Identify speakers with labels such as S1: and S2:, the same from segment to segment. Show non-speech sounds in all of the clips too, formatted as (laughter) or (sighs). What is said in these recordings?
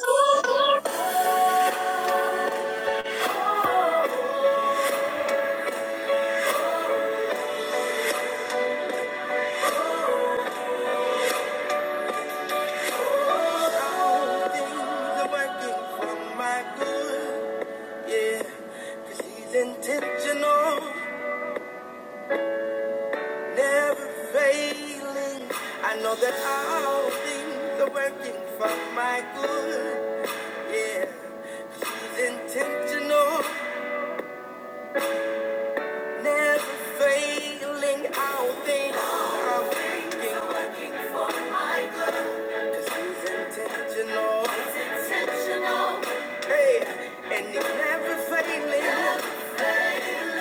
S1: All things are working for my good. Yeah, 'cause he's intentional, never failing. I know that all things are working for my good. Yeah, 'cause he's intentional, never failing. All things are working Cause he's intentional. Hey, and he's never failing.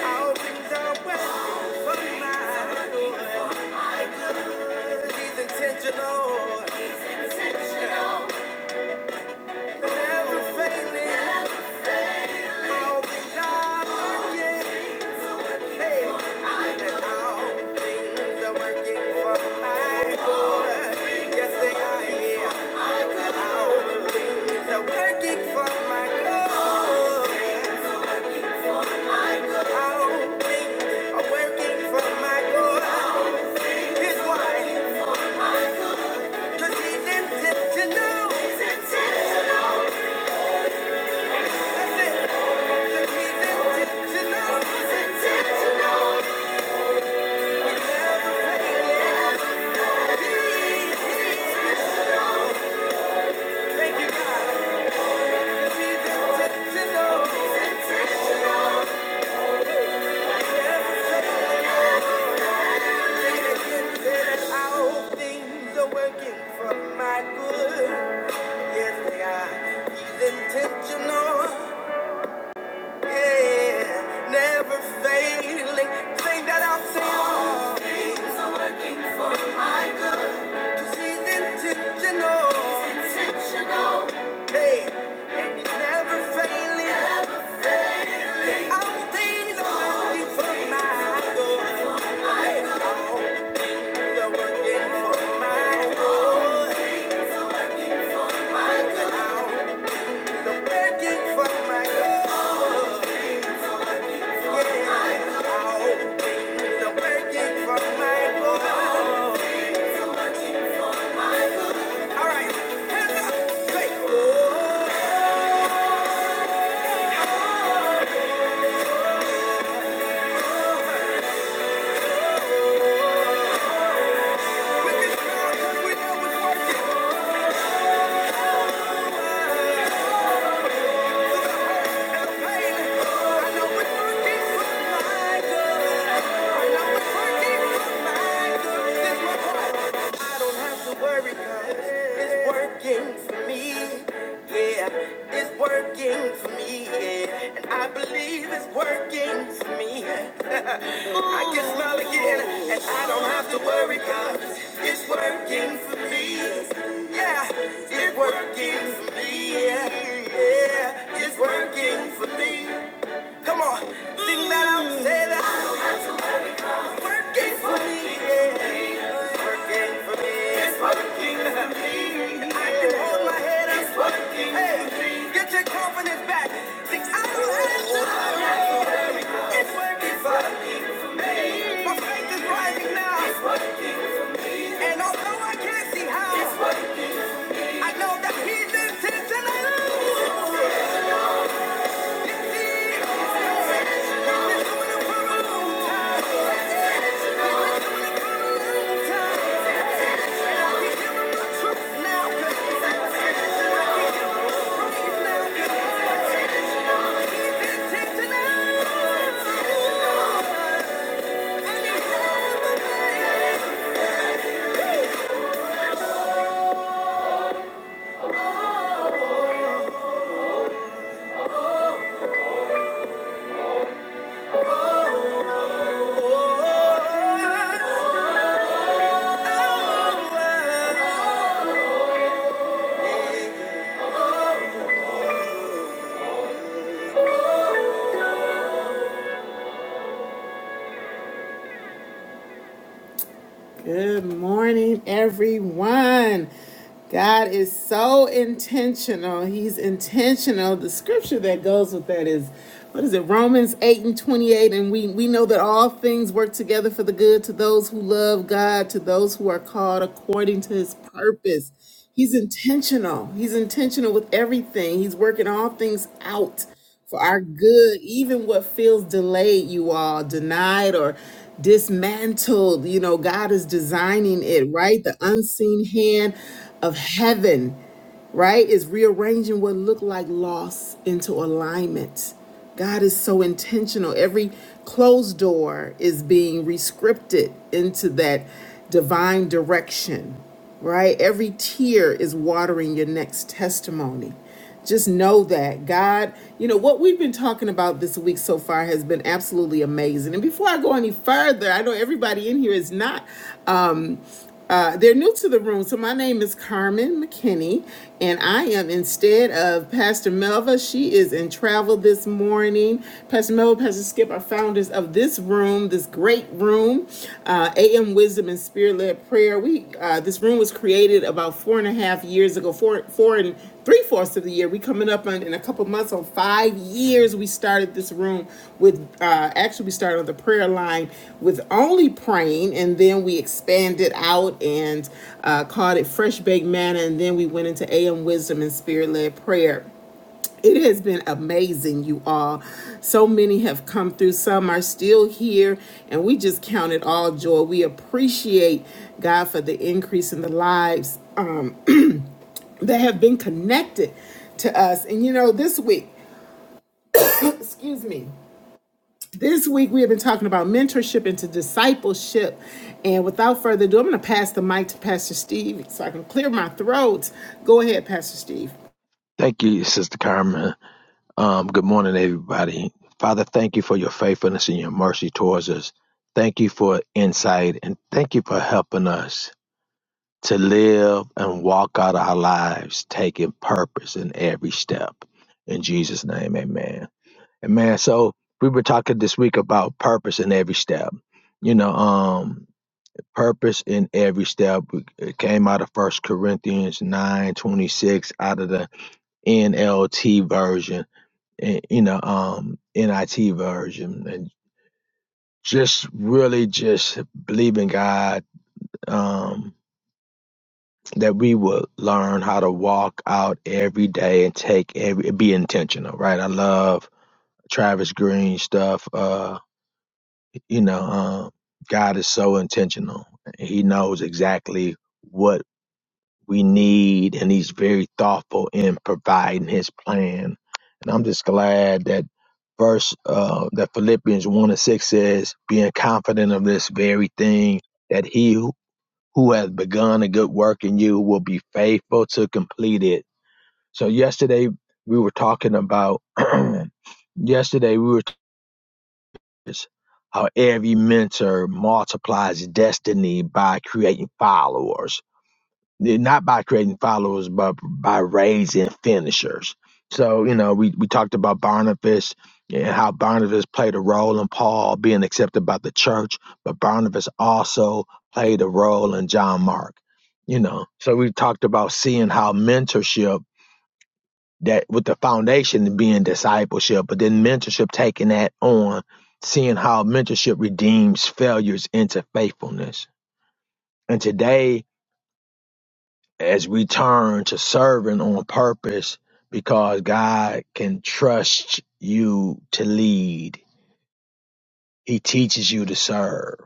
S1: All things are well for my good. He's intentional. Never failing. All things are working. Hey, and all things are working for my good. Yes, they are. Yeah. All All things are working for my good. why. Working for my good, yes they are. He's intentional, yeah, never failing. Sing that out, sing. She's intentional. Hey, and it's never failing. All things working for my good. Hey, all working for my good. All things working for my good. Yeah, all working for my good. All right, hands up. Say, oh, Working for me, yeah, and I believe it's working for me. (laughs) I can smile again, and I don't have to worry 'cause it's working for me. Yeah, it's working for me. Yeah, yeah, it's working for me. Come on, sing that out, say that. Working for me, yeah. Working for me. It's working for me. I can hold my head up. It's working hey, for me. Get your confidence back. Sing out your hands up. It's working for me. My faith is rising now. It's working. And although I can't see how, it's working. I know that He's intentional. It's He's doing it for a long time. Time. Truth now. 'cause it's Good morning, everyone. God is so intentional. He's intentional. The scripture that goes with that is what is it? Romans 8 and 28. And we, we know that all things work together for the good to those who love God, to those who are called according to his purpose. He's intentional. He's intentional with everything. He's working all things out for our good, even what feels delayed, you all, denied or dismantled. You know, God is designing it, right? The unseen hand of heaven, right, is rearranging what looked like loss into alignment. God is so intentional. Every closed door is being rescripted into that divine direction, right? Every tear is watering your next testimony. Just know that God, you know, what we've been talking about this week so far has been absolutely amazing. And before I go any further, I know everybody in here is not um uh, they're new to the room. So my name is Carmen McKinney, and I am instead of Pastor Melva. She is in travel this morning. Pastor Melva, Pastor Skip are founders of this room, this great room uh, AM Wisdom and Spirit Led Prayer. We uh, this room was created about four and a half years ago, four four and three fourths of the year. We coming up on in a couple months on five years. We started this room with uh, actually we started on the prayer line with only praying, and then we expanded out and uh, called it Fresh Baked Manna, and then we went into AM Wisdom and Spirit Led Prayer it has been amazing, you all. So many have come through. Some are still here, and we just count it all joy. We appreciate God for the increase in the lives um, (clears throat) that have been connected to us. And you know, this week, (clears throat) excuse me, this week we have been talking about mentorship into discipleship. And without further ado, I'm going to pass the mic to Pastor Steve so I can clear my throat. Go ahead, Pastor Steve.
S2: Thank you, Sister Carmen. Um, good morning, everybody. Father, thank you for your faithfulness and your mercy towards us. Thank you for insight and thank you for helping us to live and walk out our lives, taking purpose in every step. In Jesus' name, amen. Amen. So we were talking this week about purpose in every step. You know, um, purpose in every step. It came out of First Corinthians nine twenty six out of the NLT version in, you know, um, NIT version, and just really just believe in God um, that we will learn how to walk out every day and take every be intentional, right? I love Travis Green stuff. Uh, you know, um, God is so intentional; He knows exactly what. we need, and he's very thoughtful in providing his plan. And I'm just glad that verse uh, that Philippians one and six says, being confident of this very thing, that he who who has begun a good work in you will be faithful to complete it. So yesterday we were talking about. (clears throat) yesterday we were talking how every mentor multiplies destiny by creating followers yeah, not by creating followers, but by raising finishers. So, you know, we, we talked about Barnabas and how Barnabas played a role in Paul being accepted by the church, but Barnabas also played a role in John Mark, you know. So we talked about seeing how mentorship that with the foundation being discipleship, but then mentorship taking that on, seeing how mentorship redeems failures into faithfulness. And today as we turn to serving on purpose because God can trust you to lead. He teaches you to serve.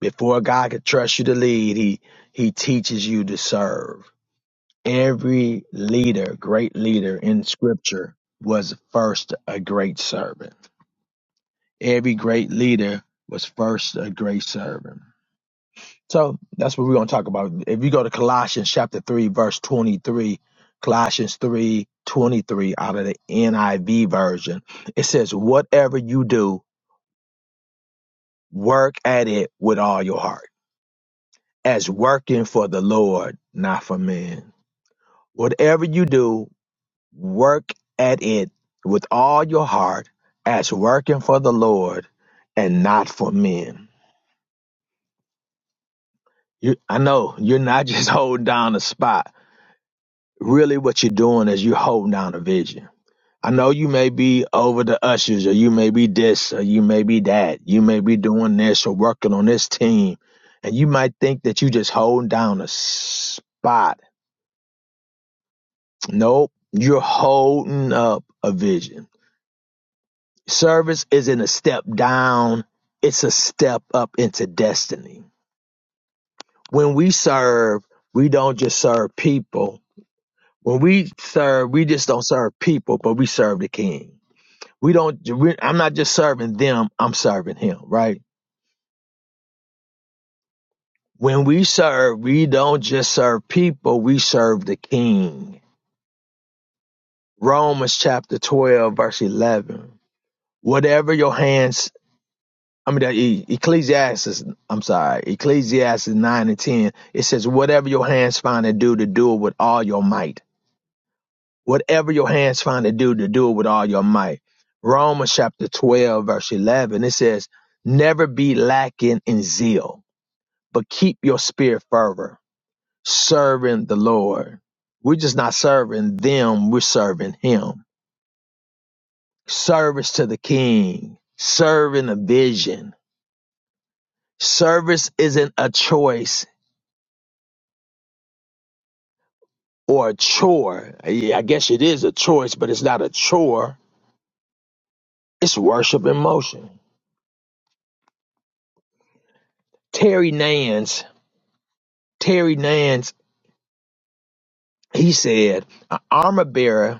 S2: Before God can trust you to lead, he he teaches you to serve. Every leader, great leader in scripture was first a great servant. Every great leader was first a great servant. So that's what we're going to talk about. If you go to Colossians chapter 3, verse 23, Colossians 3 23, out of the NIV version, it says, Whatever you do, work at it with all your heart, as working for the Lord, not for men. Whatever you do, work at it with all your heart, as working for the Lord and not for men. You, I know you're not (laughs) just holding down a spot really what you're doing is you're holding down a vision. I know you may be over the ushers or you may be this or you may be that. You may be doing this or working on this team. And you might think that you just holding down a spot. Nope. You're holding up a vision. Service isn't a step down. It's a step up into destiny. When we serve, we don't just serve people. When we serve, we just don't serve people, but we serve the king We don't, we, I'm not just serving them, I'm serving him, right? When we serve, we don't just serve people, we serve the king. Romans chapter 12, verse 11. Whatever your hands, I mean, E- Ecclesiastes, I'm sorry, Ecclesiastes 9 and 10, it says, whatever your hands find to do, to do it with all your might. Whatever your hands find to do, to do it with all your might. Romans chapter 12, verse 11, it says, never be lacking in zeal but keep your spirit fervor, serving the Lord. We're just not serving them, we're serving Him. Service to the King, serving a vision. Service isn't a choice or a chore. Yeah, I guess it is a choice, but it's not a chore. It's worship in motion. Terry Nance, Terry Nance, he said, an armor bearer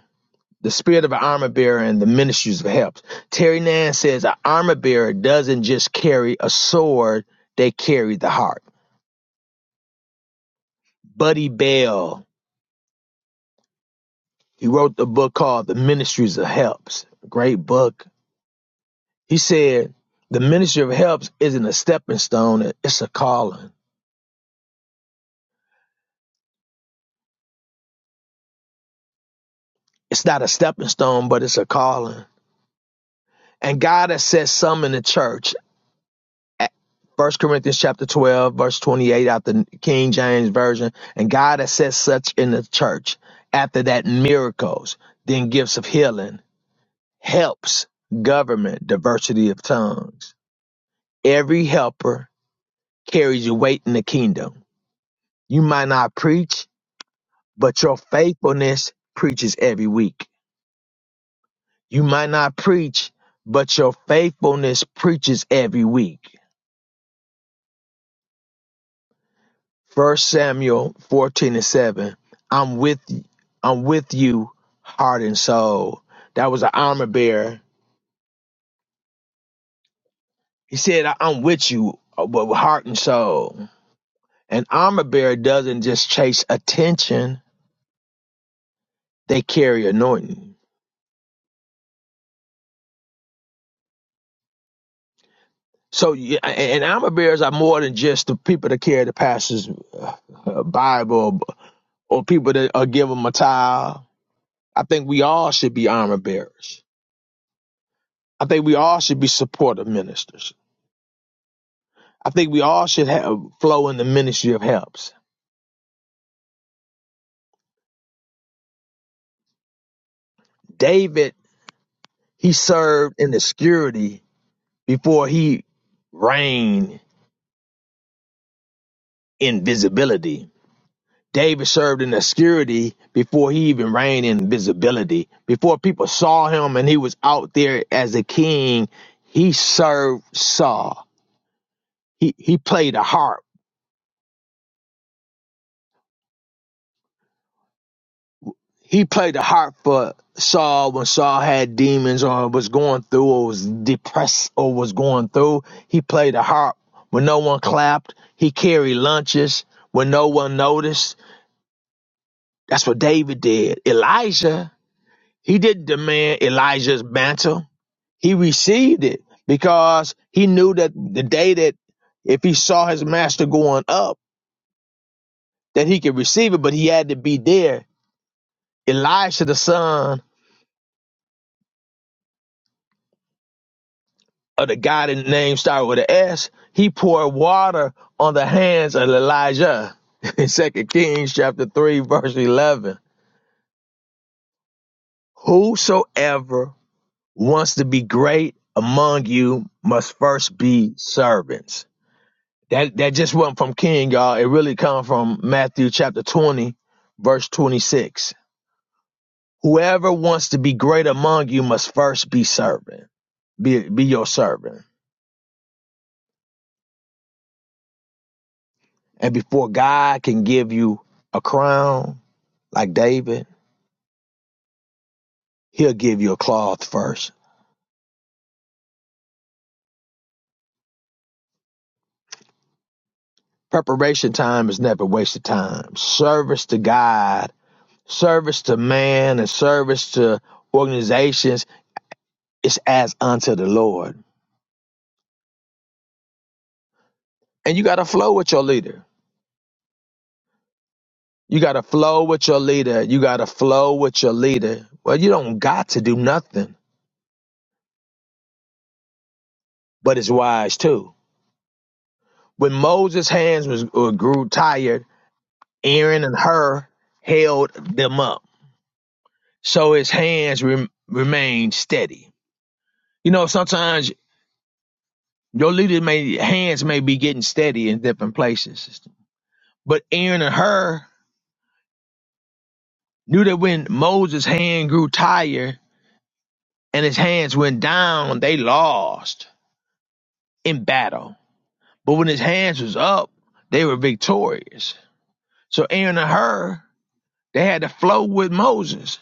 S2: the spirit of an armor bearer and the ministries of helps. Terry Nan says an armor bearer doesn't just carry a sword, they carry the heart. Buddy Bell, he wrote the book called The Ministries of Helps. Great book. He said, The ministry of helps isn't a stepping stone, it's a calling. It's not a stepping stone, but it's a calling. And God has set some in the church First Corinthians chapter 12, verse 28 out the King James Version. And God has set such in the church after that miracles, then gifts of healing, helps, government, diversity of tongues. Every helper carries your weight in the kingdom. You might not preach, but your faithfulness preaches every week. You might not preach, but your faithfulness preaches every week. First Samuel fourteen and seven. I'm with I'm with you, heart and soul. That was an armor bearer. He said, "I- "I'm with you, uh, but with heart and soul." An armor bearer doesn't just chase attention; they carry anointing. So, yeah, and and armor bearers are more than just the people that carry the pastor's uh, uh, Bible or people that uh, give them a towel. I think we all should be armor bearers. I think we all should be supportive ministers. I think we all should have flow in the ministry of helps. David, he served in obscurity before he reigned in visibility. David served in obscurity before he even reigned in visibility. Before people saw him and he was out there as a king, he served Saul. He he played the harp he played the harp for Saul when Saul had demons or was going through or was depressed or was going through. He played the harp when no one clapped. He carried lunches when no one noticed. That's what David did. Elijah, he didn't demand Elijah's mantle. He received it because he knew that the day that if he saw his master going up, that he could receive it, but he had to be there. Elijah the son of the guy that name started with an S, he poured water on the hands of Elijah (laughs) in Second Kings chapter 3, verse 11. Whosoever wants to be great among you must first be servants. That that just wasn't from King, y'all. It really come from Matthew chapter 20, verse 26. Whoever wants to be great among you must first be servant. Be, be your servant. And before God can give you a crown, Like David, he'll give you a cloth first. Preparation time is never wasted time. Service to God, service to man, and service to organizations is as unto the Lord. And you got to flow with your leader. You got to flow with your leader. You got to flow with your leader. Well, you don't got to do nothing, but it's wise too. When Moses' hands was, uh, grew tired, Aaron and Hur held them up, so his hands rem- remained steady. You know, sometimes your leader may hands may be getting steady in different places. But Aaron and her knew that when Moses' hand grew tired and his hands went down, they lost in battle. But when his hands was up, they were victorious. So Aaron and her, they had to flow with Moses.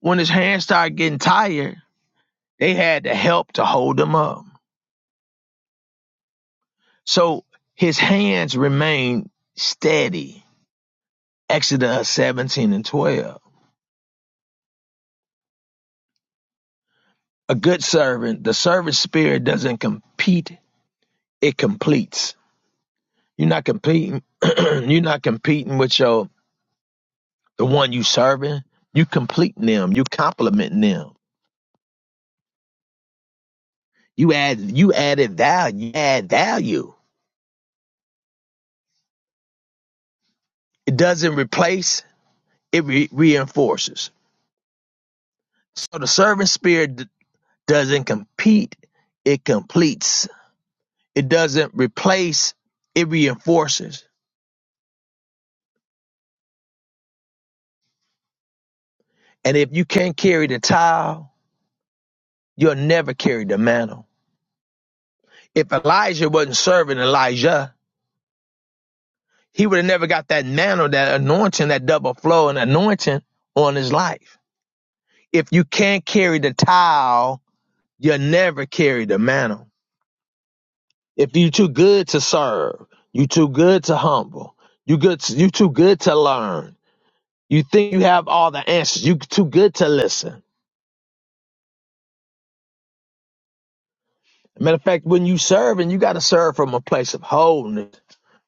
S2: When his hands started getting tired, they had the help to hold him up. So his hands remained steady. Exodus 17 and 12. A good servant, the servant spirit doesn't compete, it completes. You're not competing (clears throat) you're not competing with your the one you serving. You completing them, you complimenting them. You add you added value, you add value. It doesn't replace, it re- reinforces. So the servant spirit d- doesn't compete, it completes. It doesn't replace, it reinforces. And if you can't carry the towel, you'll never carry the mantle If Elijah wasn't serving Elijah, he would have never got that mantle, that anointing, that double flow and anointing on his life. If you can't carry the towel, you'll never carry the mantle. If you're too good to serve, you are too good to humble, you good, to you too good to learn. You think you have all the answers. You too good to listen. Matter of fact, when you serve, and you got to serve from a place of wholeness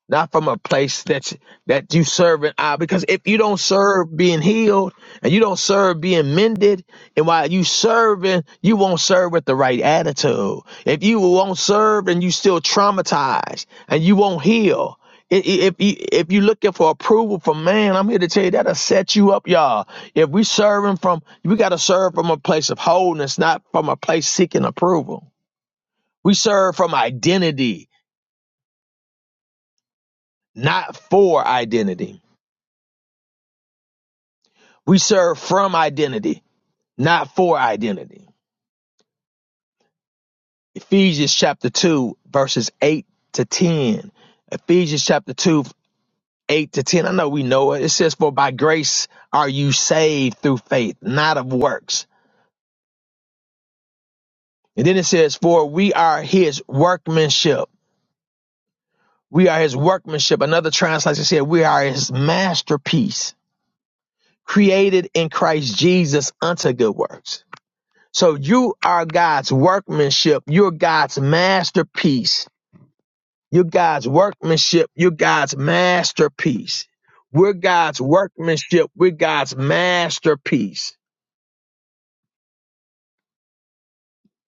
S2: not from a place that that you serve and I. Because if you don't serve being healed and you don't serve being mended, and while you serving, you won't serve with the right attitude. If you won't serve and you still traumatized and you won't heal. i- i- If you if you looking for approval from man, I'm here to tell you that'll set you up, y'all. If we serving from, we gotta serve from a place of wholeness, not from a place seeking approval. We serve from identity, not for identity. We serve from identity, not for identity. Ephesians chapter 2, verses 8 to 10. Ephesians chapter 2, 8 to 10. I know we know it. It says, For by grace are you saved through faith, not of works. And then it says, For we are his workmanship. We are his workmanship. Another translation said, We are his masterpiece, created in Christ Jesus unto good works. So you are God's workmanship. You're God's masterpiece You're God's workmanship. You're God's masterpiece. We're God's workmanship. We're God's masterpiece.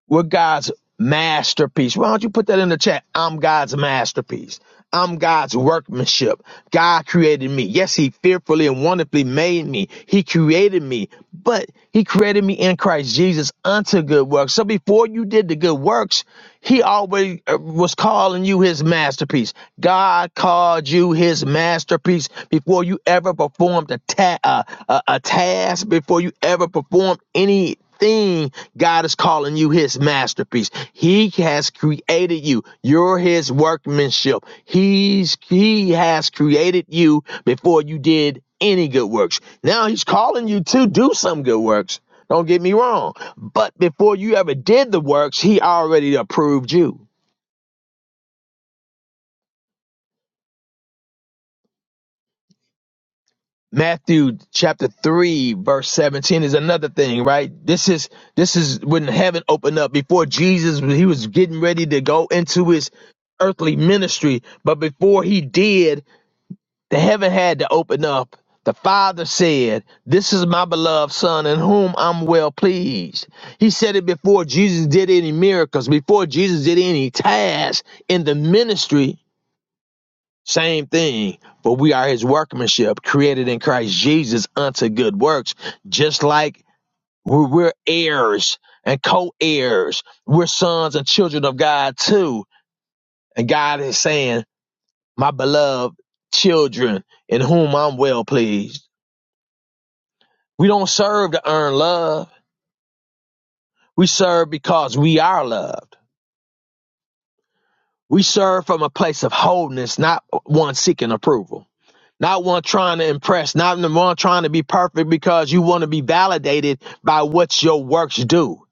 S2: We're God's masterpiece. Why don't you put that in the chat? I'm God's masterpiece. I'm God's workmanship. God created me. Yes, He fearfully and wonderfully made me. He created me, but He created me in Christ Jesus unto good works. So before you did the good works, He always uh, was calling you His masterpiece. God called you His masterpiece before you ever performed a, ta- uh, a, a task, before you ever performed any thing God is calling you his masterpiece. He has created you. You're his workmanship. He's he has created you before you did any good works. Now he's calling you to do some good works. Don't get me wrong. But before you ever did the works, he already approved you. Matthew chapter 3 verse 17 is another thing, right? This is this is when heaven opened up before Jesus he was getting ready to go into his earthly ministry, but before he did, the heaven had to open up. The Father said, "This is my beloved son in whom I'm well pleased." He said it before Jesus did any miracles, before Jesus did any tasks in the ministry same thing, but we are his workmanship, created in Christ Jesus unto good works, just like we're, we're heirs and co heirs. We're sons and children of God too. And God is saying, My beloved children, in whom I'm well pleased. We don't serve to earn love, we serve because we are loved. We serve from a place of wholeness, not one seeking approval. Not one trying to impress, not the one trying to be perfect because you want to be validated by what your works do.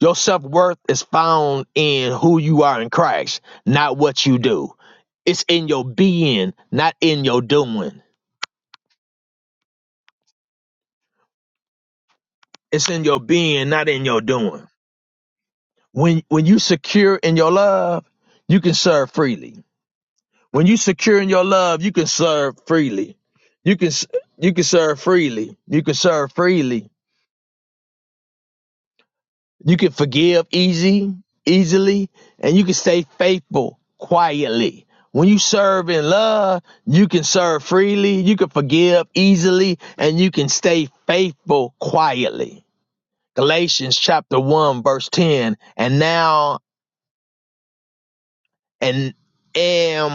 S2: Your self worth is found in who you are in Christ, not what you do. It's in your being, not in your doing. It's in your being, not in your doing. When when you secure in your love, you can serve freely. When you secure in your love, you can serve freely. You can s- you can serve freely. You can serve freely You can forgive easy, easily, and you can stay faithful quietly. When you serve in love, you can serve freely, you can forgive easily, and you can stay faithful quietly. Galatians chapter 1 verse 10, and now and am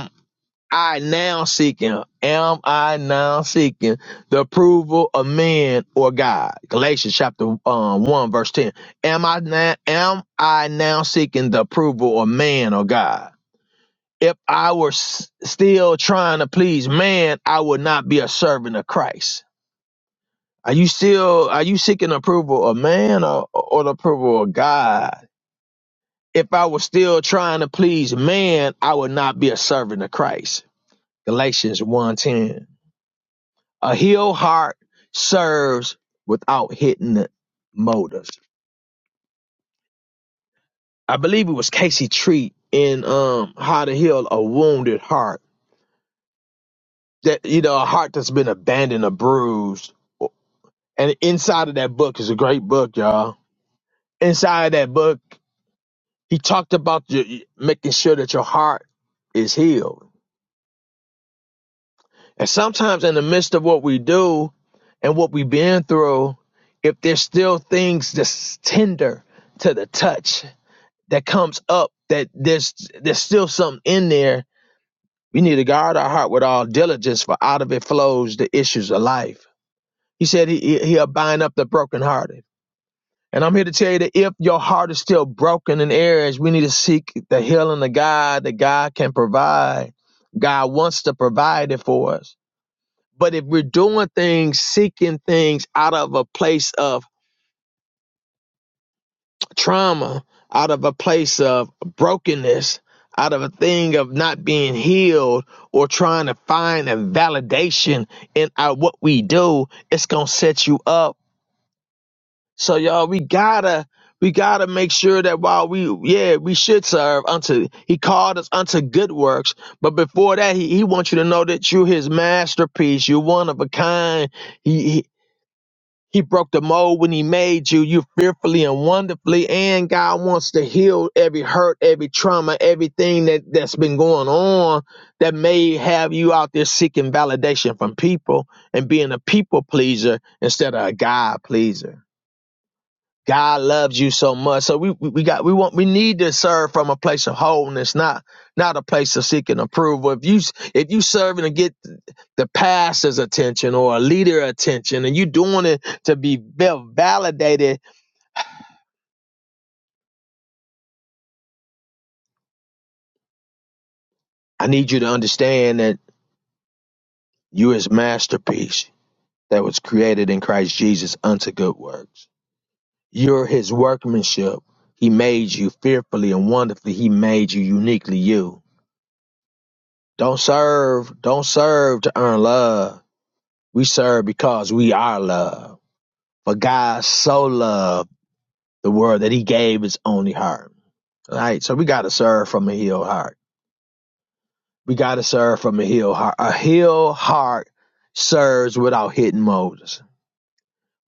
S2: I now seeking? Am I now seeking the approval of man or God? Galatians chapter um, one verse ten. Am I now am I now seeking the approval of man or God? If I were s- still trying to please man, I would not be a servant of Christ. Are you still are you seeking approval of man or, or the approval of God? If I was still trying to please man, I would not be a servant of Christ. Galatians one ten. A healed heart serves without hitting the motives. I believe it was Casey Treat in um How to Heal a Wounded Heart. That you know, a heart that's been abandoned or bruised. And inside of that book is a great book, y'all. Inside of that book, he talked about your, making sure that your heart is healed. And sometimes in the midst of what we do and what we've been through, if there's still things that's tender to the touch, that comes up that there's there's still something in there. We need to guard our heart with all diligence, for out of it flows the issues of life. He said he, he- will bind up the brokenhearted. And I'm here to tell you that if your heart is still broken in areas, we need to seek the healing of God that God can provide. God wants to provide it for us. But if we're doing things, seeking things out of a place of trauma, out of a place of brokenness, out of a thing of not being healed or trying to find a validation in our, what we do, it's going to set you up. So y'all, we gotta, we gotta make sure that while we, yeah, we should serve unto, he called us unto good works. But before that, he, he wants you to know that you're his masterpiece. You're one of a kind. He he broke the mold when he made you. You fearfully and wonderfully. And God wants to heal every hurt, every trauma, everything that, that's been going on that may have you out there seeking validation from people and being a people pleaser instead of a God pleaser. God loves you so much. So we we we got we want we need to serve from a place of wholeness, not not a place of seeking approval. If you if you serving to get the pastor's attention or a leader attention, and you doing it to be val- validated, I need you to understand that you're His masterpiece that was created in Christ Jesus unto good works. You're His workmanship. He made you fearfully and wonderfully. He made you uniquely you. Don't serve. Don't serve to earn love We serve because we are loved. For God so loved the world that he gave his only heart. All right. So we got to serve from a healed heart. We got to serve from a healed heart. A healed heart serves without hitting motives.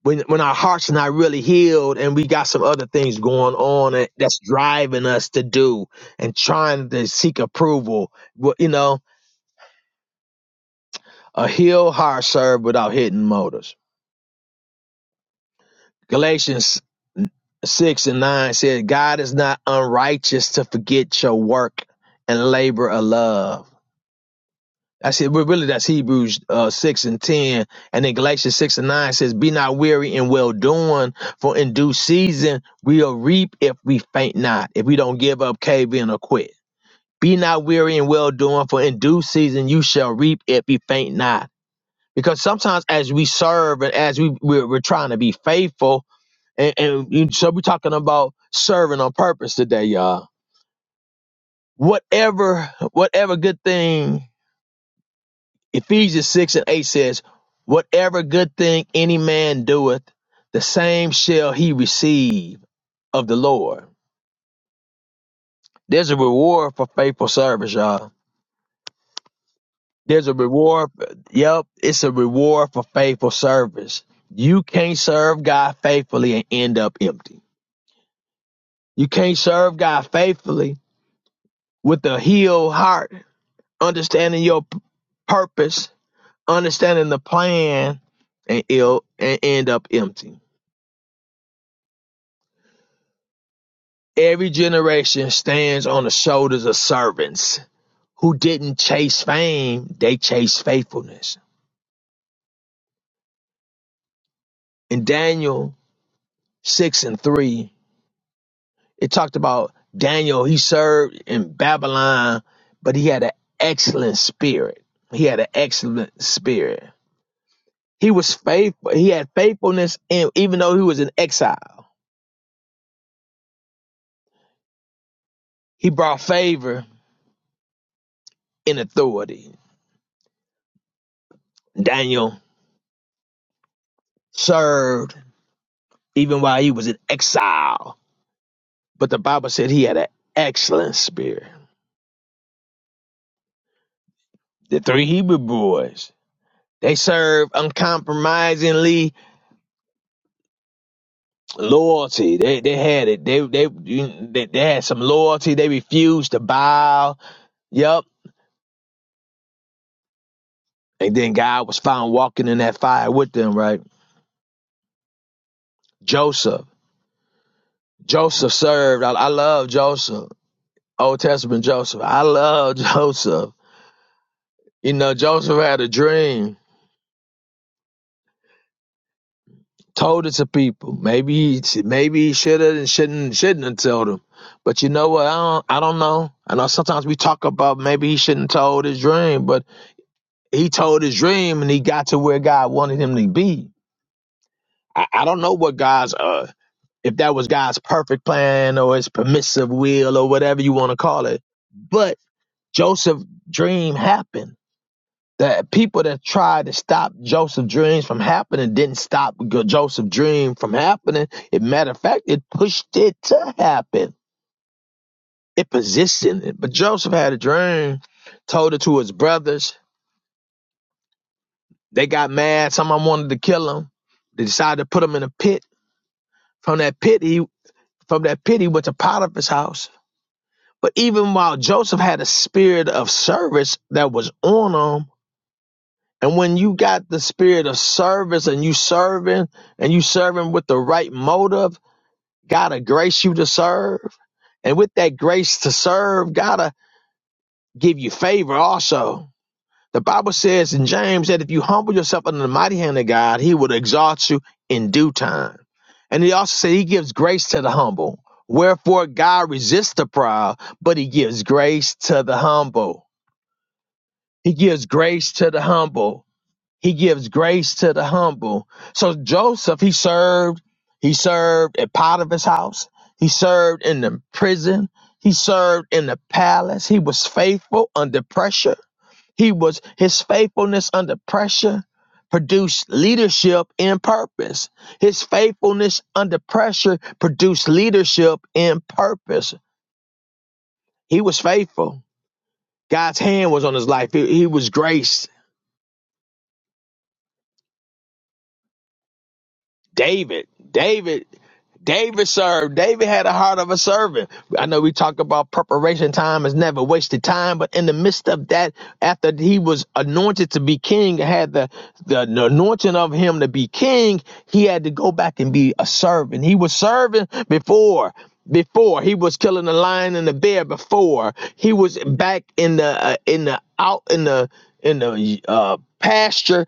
S2: When, when our hearts are not really healed and we got some other things going on and that's driving us to do and trying to seek approval, well, you know, a healed heart serves without hitting motives. Galatians 6 and 9 said, God is not unrighteous to forget your work and labor of love. That's it. but Really, that's Hebrews uh, 6 and 10. And then Galatians 6 and 9 says, Be not weary in well doing, for in due season we'll reap if we faint not, if we don't give up, cave in, or quit. Be not weary in well doing, for in due season you shall reap if you faint not. Because sometimes as we serve and as we, we're, we're trying to be faithful, and, and you- so we're talking about serving on purpose today, y'all. Whatever, whatever good thing Ephesians six and eight says, whatever good thing any man doeth, the same shall he receive of the Lord. There's a reward for faithful service, y'all. There's a reward. Yep, it's a reward for faithful service. You can't serve God faithfully and end up empty. You can't serve God faithfully with a healed heart understanding your p- purpose, understanding the plan, and I'll and end up empty. Every generation stands on the shoulders of servants who didn't chase fame, they chased faithfulness. In Daniel 6 and 3, it talked about Daniel, he served in Babylon, but he had an excellent spirit. He had an excellent spirit. He was faithful. He had faithfulness in even though he was in exile. He brought favor in authority. Daniel served even while he was in exile. But the Bible said he had an excellent spirit. The three Hebrew boys, they served uncompromisingly loyalty. They they had it. They they they, they had some loyalty. They refused to bow. Yup. And then God was found walking in that fire with them, right? Joseph. Joseph served. I, I love Joseph. Old Testament Joseph. I love (laughs) Joseph. You know, Joseph had a dream told it to people. Maybe he maybe he should have and shouldn't shouldn't have told them. But you know what? I don't I don't know. I know sometimes we talk about maybe he shouldn't have told his dream, but he told his dream and he got to where God wanted him to be. I, I don't know what God's uh if that was God's perfect plan or his permissive will or whatever you want to call it. But Joseph's dream happened the people that tried to stop Joseph's dreams from happening didn't stop Joseph's dream from happening. As a matter of fact, it pushed it to happen. It positioned it. But Joseph had a dream, told it to his brothers. They got mad. Someone wanted to kill him. They decided to put him in a pit. From that pit, he from that pit he went to Potiphar's house. But even while Joseph had a spirit of service that was on him, And when you got the spirit of service and you serving and you serving with the right motive, God to grace you to serve. And with that grace to serve, God to give you favor also. The Bible says in James that if you humble yourself under the mighty hand of God, he will exalt you in due time. And he also said he gives grace to the humble. Wherefore God resists the proud, but he gives grace to the humble. He gives grace to the humble. He gives grace to the humble. So Joseph, he served, he served at Potiphar's house. He served in the prison. He served in the palace. He was faithful under pressure. He was his faithfulness under pressure produced leadership in purpose. His faithfulness under pressure produced leadership in purpose. He was faithful. God's hand was on his life. He, he was graced David, David, David served. David had a heart of a servant. I know we talk about preparation time is never wasted time, but in the midst of that, after he was anointed to be king, had the, the, the anointing of him to be king, he had to go back and be a servant. He was serving before. Before he was killing the lion and the bear. Before he was back in the uh, in the out in the in the uh, pasture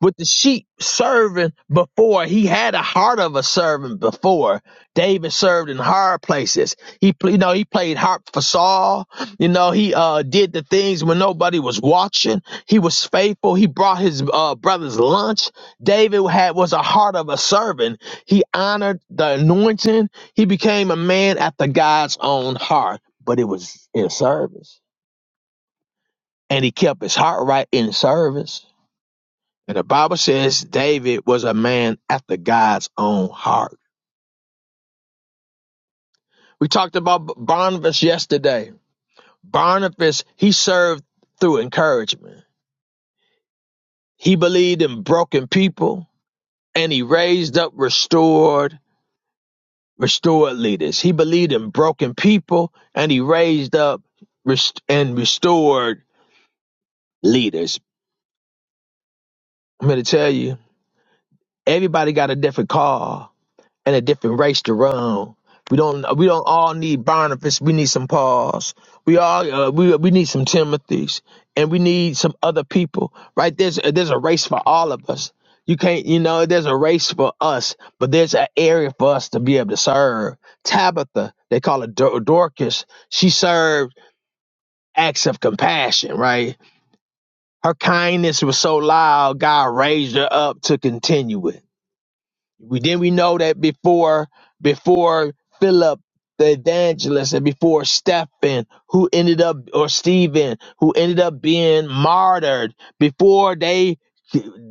S2: with the sheep serving before. He had a heart of a servant before. David served in hard places. He, you know, he played harp for Saul. You know, he uh, did the things when nobody was watching. He was faithful. He brought his uh, brothers lunch. David had was a heart of a servant. He honored the anointing. He became a man after God's own heart, but it was in service, and he kept his heart right in service and the Bible says David was a man after God's own heart. We talked about Barnabas yesterday. Barnabas, he served through encouragement. He believed in broken people and he raised up restored, restored leaders. He believed in broken people and he raised up rest- and restored leaders. I'm going to tell you, everybody got a different call and a different race to run. We don't we don't all need Barnabas. We need some Pauls. We all uh, we we need some Timothys, and we need some other people. Right there's uh, there's a race for all of us. You can't you know there's a race for us, but there's an area for us to be able to serve. Tabitha, they call her Dor- Dorcas. She served acts of compassion. Right, her kindness was so loud, God raised her up to continue it we then we know that before before Philip the evangelist and before Stephen who ended up or Stephen who ended up being martyred before they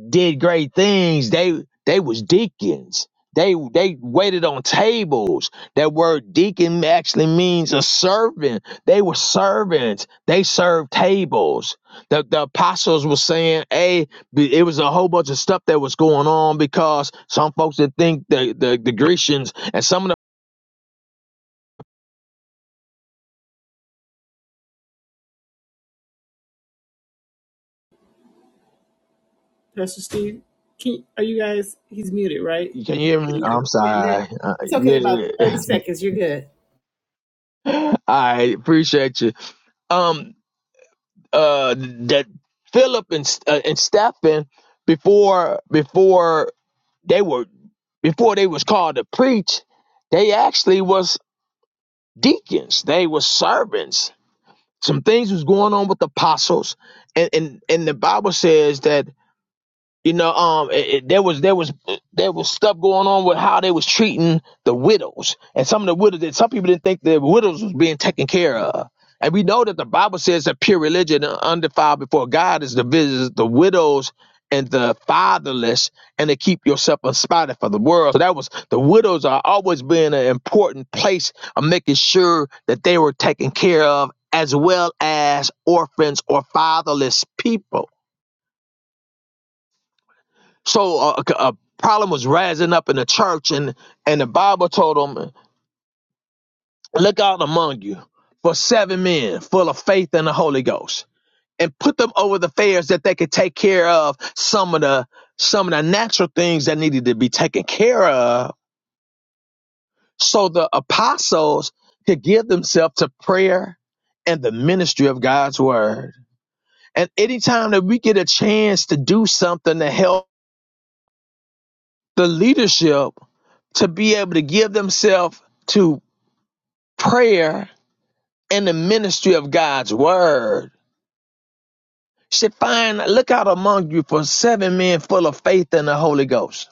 S2: did great things they they was deacons they they waited on tables that word deacon actually means a servant they were servants they served tables the, the apostles were saying "Hey." It was a whole bunch of stuff that was going on because some folks that think the the, the Grecians and some of
S1: Pastor Steve, can, are you guys? He's muted, right?
S2: the can
S1: There
S2: you hear me?
S1: you go.
S2: I'm
S1: Yeah, now-
S2: sorry. Uh,
S1: It's okay. About thirty
S2: yeah.
S1: seconds. You're good.
S2: (laughs) I appreciate you. Um, uh, that Philip and uh, and Stephen before before they were before they was called to preach, they actually was deacons. They were servants. Some things was going on with the apostles, and and and the Bible says that. You know, um, it, it- there was there was there was stuff going on with how they was treating the widows, and some of the widows. that Some people didn't think the widows was being taken care of, and we know that the Bible says that pure religion, and undefiled before God, is to visit the widows and the fatherless, and to keep yourself unspotted for the world. So that was the widows are always being an important place of making sure that they were taken care of, as well as orphans or fatherless people. So uh, a, a problem was rising up in the church, and and the Bible told them, "Look out among you for seven men full of faith and the Holy Ghost, and put them over the affairs that they could take care of some of the some of the natural things that needed to be taken care of, so the apostles could give themselves to prayer." And the ministry of God's word. And anytime that we get a chance to do something to help the leadership to be able to give themselves to prayer and the ministry of God's word. She find look out among you for seven men full of faith and the Holy Ghost,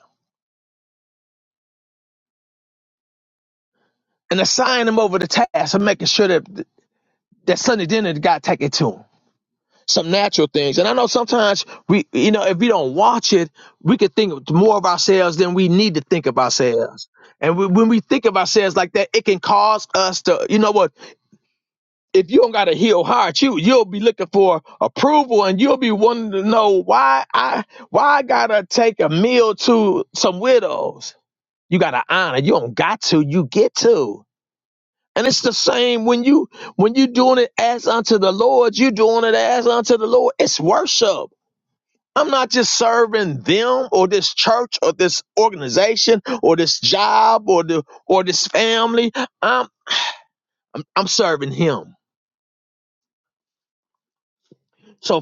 S2: and assign them over the task of making sure that that Sunday dinner God take it to them. Some natural things, and I know sometimes we, you know, if we don't watch it, we could think more of ourselves than we need to think of ourselves. And we, when we think of ourselves like that, it can cause us to, you know what? if you don't got a heel heart, you you'll be looking for approval, and you'll be wanting to know why I why I gotta take a meal to some widows. You gotta honor. You don't got to. You get to. And it's the same when you when you doing it as unto the Lord. You doing it as unto the Lord. It's worship. I'm not just serving them or this church or this organization or this job or the or this family. I'm I'm I'm serving Him. So.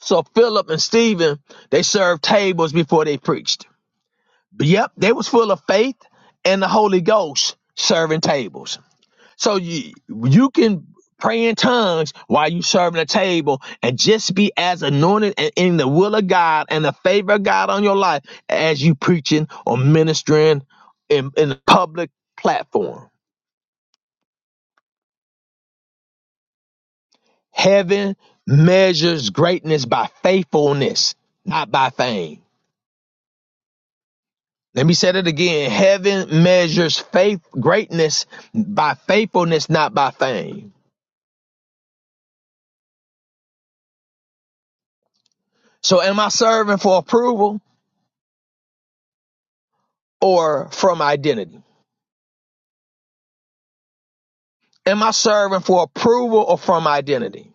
S2: So Philip and Stephen, they served tables before they preached. But Yep, they was full of faith and the Holy Ghost serving tables. So you you can pray in tongues while you serving a table and just be as anointed and in the will of God and the favor of God on your life as you preaching or ministering in, in the public platform. Heaven measures greatness by faithfulness, not by fame. Let me say that again. Heaven measures faith greatness by faithfulness, not by fame. So am I serving for approval or from identity? Am I serving for approval or from identity?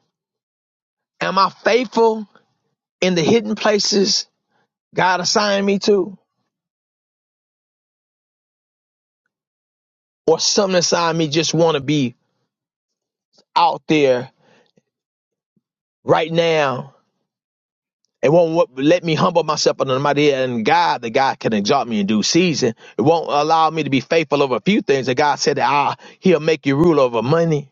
S2: Am I faithful in the hidden places God assigned me to? Or something assigned me just want to be out there right now It won't let me humble myself under the mighty hand and God, that God can exalt me in due season. It won't allow me to be faithful over a few things that God said that ah, He'll make you rule over money.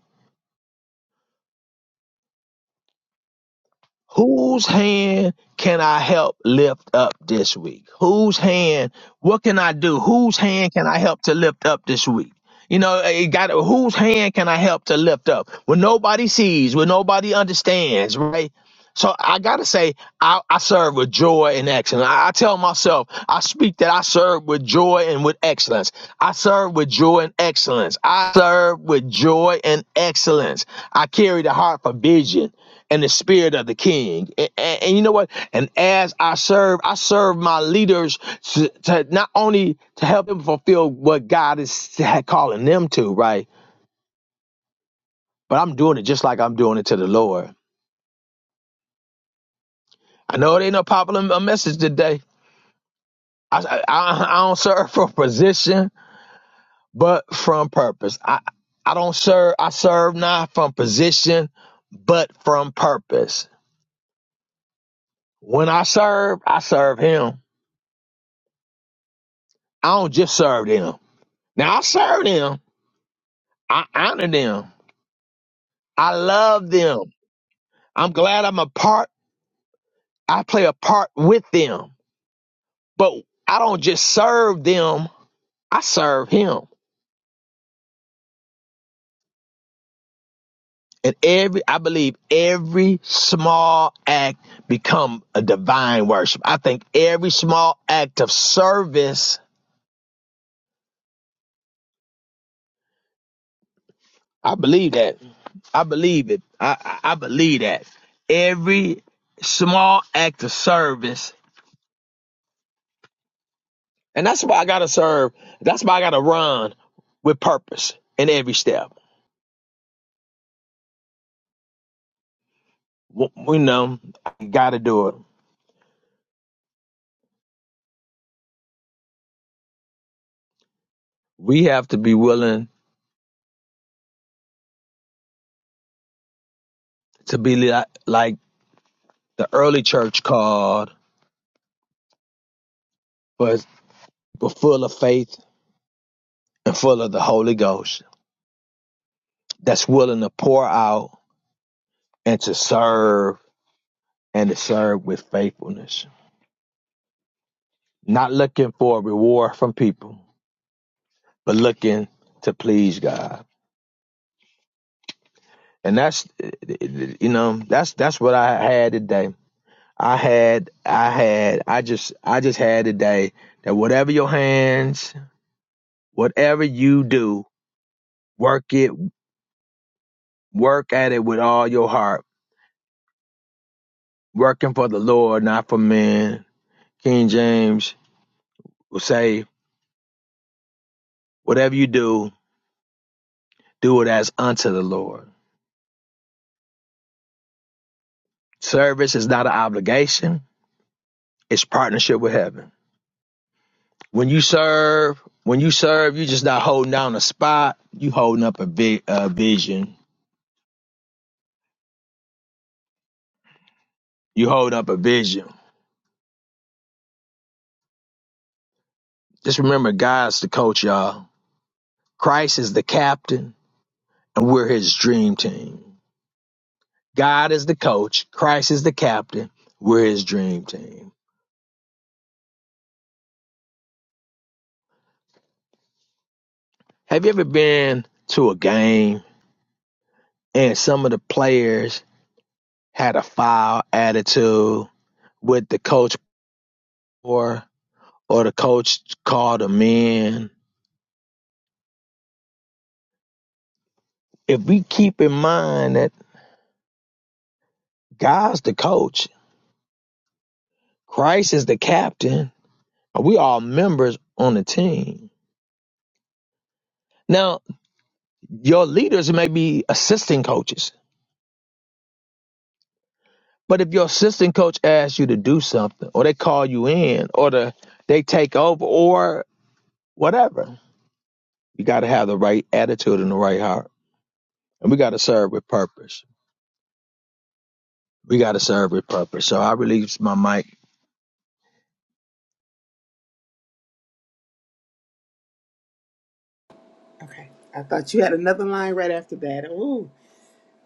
S2: Whose hand can I help lift up this week? Whose hand? What can I do? Whose hand can I help to lift up this week? You know, eh, it got whose hand can I help to lift up when nobody sees, when nobody understands, right? So I gotta say, I, I serve with joy and excellence. I, I tell myself, I speak that I serve with joy and with excellence. I serve with joy and excellence. I serve with joy and excellence. I carry the heart for vision and the spirit of the king. A- a- And, you know what? And as I serve, I serve my leaders to, to not only to help them fulfill what God is calling them to, right? But I'm doing it just like I'm doing it to the Lord. I know it ain't no popular message today. I, I, I don't serve (laughs) from position, but from purpose. I, I don't serve. I serve not from position, but from purpose. When I serve, I serve Him. I don't just serve them. Now I serve them, I honor them. I love them. I'm glad I'm a part. I play a part with them. But I don't just serve them, I serve him. And every I believe every small act become a divine worship. I think every small act of service, I believe that. I believe it. I, I I believe that. Every small act of service And that's why I gotta serve. That's why I gotta run with purpose in every step. You know, I gotta do it. We have to be willing to be li- like the early church called, but people full of faith and full of the Holy Ghost. That's willing to pour out and to serve and to serve with faithfulness. Not looking for a reward from people, but looking to please God. And that's you know that's that's what I had today I had, I had, I just, I just had today that whatever your hands, whatever you do, work it, work at it with all your heart, working for the Lord, not for men. King James will say, whatever you do, do it as unto the Lord. Service is not an obligation; it's partnership with heaven. When you serve, when you serve, you're just not holding down a spot. You holding up a, vi- a vision. You hold up a vision Just remember, God's the coach, y'all. Christ is the captain, and we're his dream team. God is the coach, Christ is the captain, we're his dream team. Have you ever been to a game and some of the players had a foul attitude with the coach or or the coach called them in? If we keep in mind that God's the coach, Christ is the captain, and we all members on the team. now. Your leaders may be assistant coaches, but if your assistant coach asks you to do something, or they call you in, or the, they take over, or whatever, you got to have the right attitude and the right heart. And we got to serve with purpose. We got to serve with purpose. So I release my mic.
S1: Okay. I thought you had another line right after that. Ooh,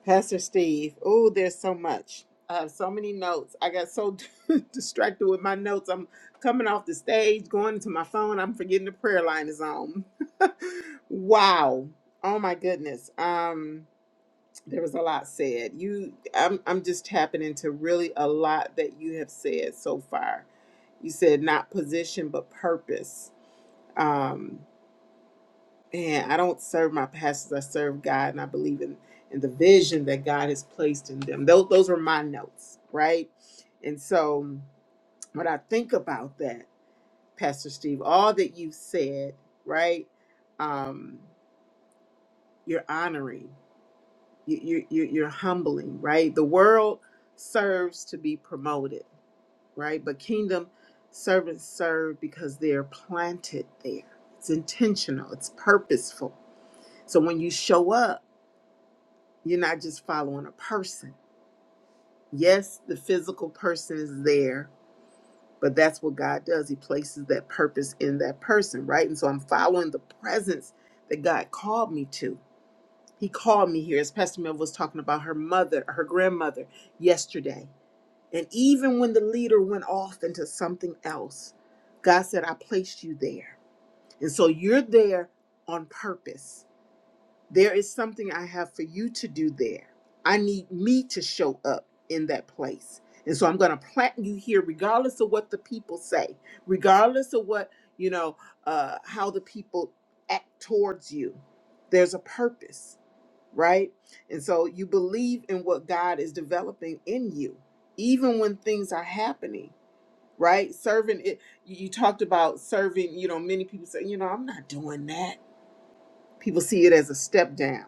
S1: Pastor Steve. Ooh, there's so much. I have so many notes. I got so (laughs) distracted with my notes. I'm coming off the stage, going to my phone. I'm forgetting the prayer line is on. (laughs) Wow. Oh my goodness. Um. there was a lot said. You, I'm, I'm just tapping into really a lot that you have said so far. You said not position, but purpose. Um, and I don't serve my pastors; I serve God, and I believe in in the vision that God has placed in them. Those, those were my notes, right? And so, when I think about that, Pastor Steve, all that you have said, right? Um, you're honoring. you, you, you- you're humbling, right? The world serves to be promoted, right? But kingdom servants serve because they're planted there. It's intentional, it's purposeful. So when you show up, you're not just following a person. Yes, the physical person is there, but that's what God does. He places that purpose in that person, right? And so I'm following the presence that God called me to. He called me here, as Pastor Mel was talking about her mother, her grandmother yesterday And even when the leader went off into something else, God said, I placed you there. And so you're there on purpose. There is something I have for you to do there. I need me to show up in that place. And so I'm going to plant you here, regardless of what the people say, regardless of what, you know, uh, how the people act towards you. There's a purpose right? And so you believe in what God is developing in you, even when things are happening, right? Serving it, you you talked about serving, you know, many people say, you know, I'm not doing that People see it as a step down.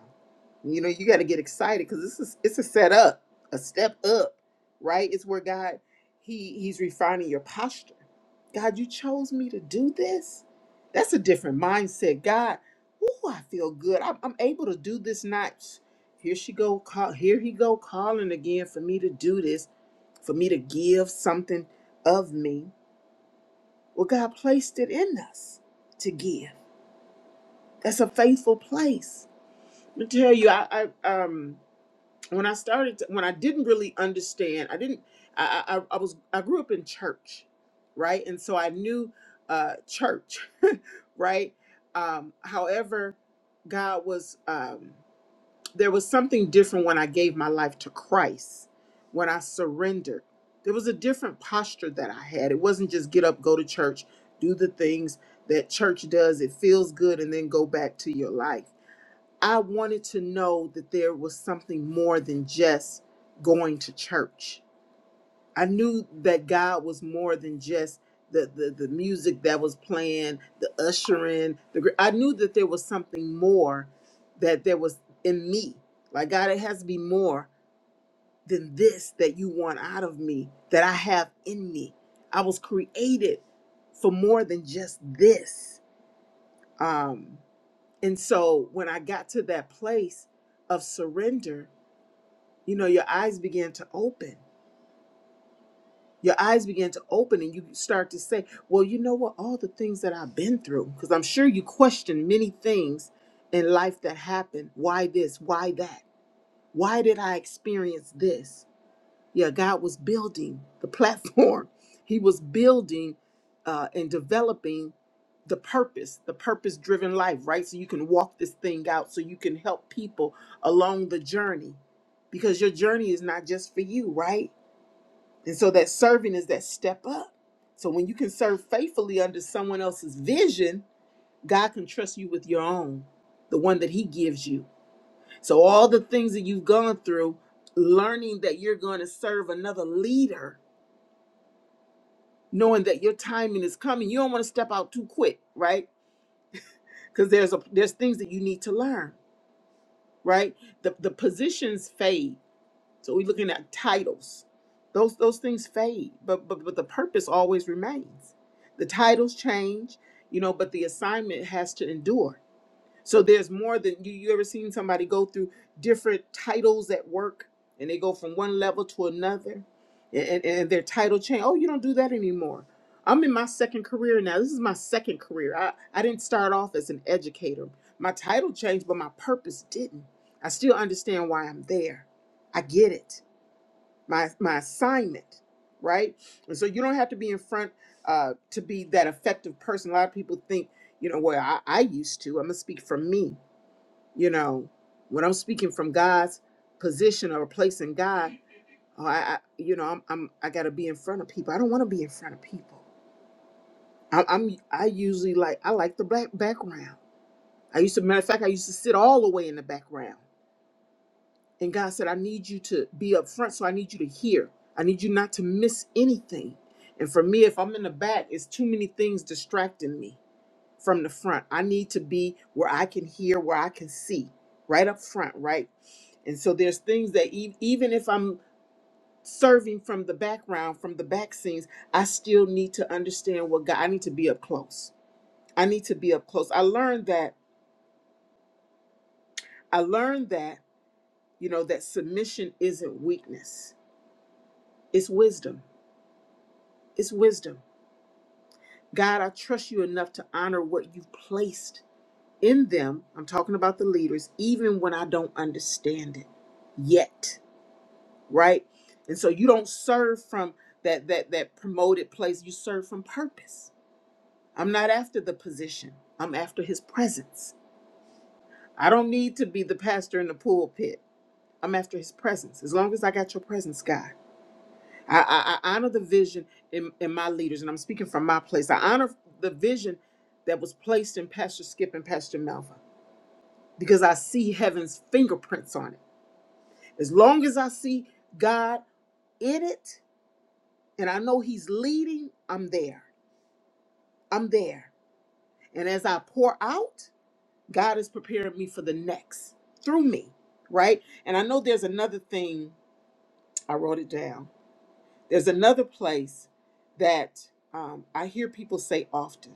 S1: You know, you got to get excited because this is it's a set up, a step up, right? It's where God he he's refining your posture. God, you chose me to do this. That's a different mindset. God, ooh, I feel good. I'm, I'm able to do this. Not here she go call. Here he go calling again for me to do this, for me to give something of me. Well, God placed it in us to give. That's a faithful place me tell you, I, I um when I started when I didn't really understand, I didn't I, I I I was I grew up in church, right? And so I knew uh church, (laughs) right? Um however, God was um there was something different when I gave my life to Christ, when I surrendered. There was a different posture that I had. It wasn't just get up, go to church, do the things that church does. It feels good and then go back to your life I wanted to know that there was something more than just going to church. I knew that God was more than just the the, the music that was playing, the ushering. The gr- I knew that there was something more that there was in me. Like God, it has to be more than this that you want out of me that I have in me. I was created for more than just this. Um, and so when I got to that place of surrender, you know, your eyes began to open. Your eyes began to open, and you start to say, Well, you know what? All the things that I've been through, because I'm sure you question many things in life that happened. Why this? Why that? Why did I experience this? Yeah, God was building the platform. (laughs) He was building uh, and developing the purpose, the purpose driven life, right? So you can walk this thing out, so you can help people along the journey because your journey is not just for you, right? And so that serving is that step up. So when you can serve faithfully under someone else's vision, God can trust you with your own, the one that He gives you. So all the things that you've gone through, learning that you're going to serve another leader, knowing that your timing is coming, you don't want to step out too quick, right? Because there's a there's things that you need to learn, right? The the positions fade. So we're looking at titles. Those those things fade, but but but the purpose always remains. The titles change, you know, but the assignment has to endure. So there's more than you, you ever seen somebody go through different titles at work and they go from one level to another and, and, and their title change. Oh, you don't do that anymore. I'm in my second career now. This is my second career. I, I didn't start off as an educator. My title changed, but my purpose didn't. I still understand why I'm there. I get it. My my assignment, right? And so you don't have to be in front uh, to be that effective person. A lot of people think, you know, well, I, I used to. I'm gonna speak for me you know when i'm speaking from god's position or place in god oh, i, I you know i'm, I'm i gotta be in front of people i don't want to be in front of people I, i'm i usually like i like the black background i used to matter of fact i used to sit all the way in the background and god said i need you to be up front so i need you to hear i need you not to miss anything and for me if i'm in the back it's too many things distracting me from the front. I need to be where I can hear, where I can see, right up front, right? And so there's things that e- even if I'm serving from the background, from the back scenes, I still need to understand what God, I need to be up close. I need to be up close. I learned that, I learned that, you know, that submission isn't weakness, it's wisdom. It's wisdom. God, I trust you enough to honor what you've placed. in them, I'm talking about the leaders, even when I don't understand it yet, right? And so you don't serve from that that that promoted place, you serve from purpose. I'm not after the position. I'm after his presence. I don't need to be the pastor in the pulpit. I'm after his presence. As long as I got your presence, God. I, I, I honor the vision in, in my leaders, and I'm speaking from my place. I honor the vision that was placed in Pastor Skip and Pastor Melva. because I see heaven's fingerprints on it. As long as I see God in it and I know He's leading, I'm there. I'm there. And as I pour out, God is preparing me for the next through me, right? And I know there's another thing, I wrote it down. There's another place that um, I hear people say often,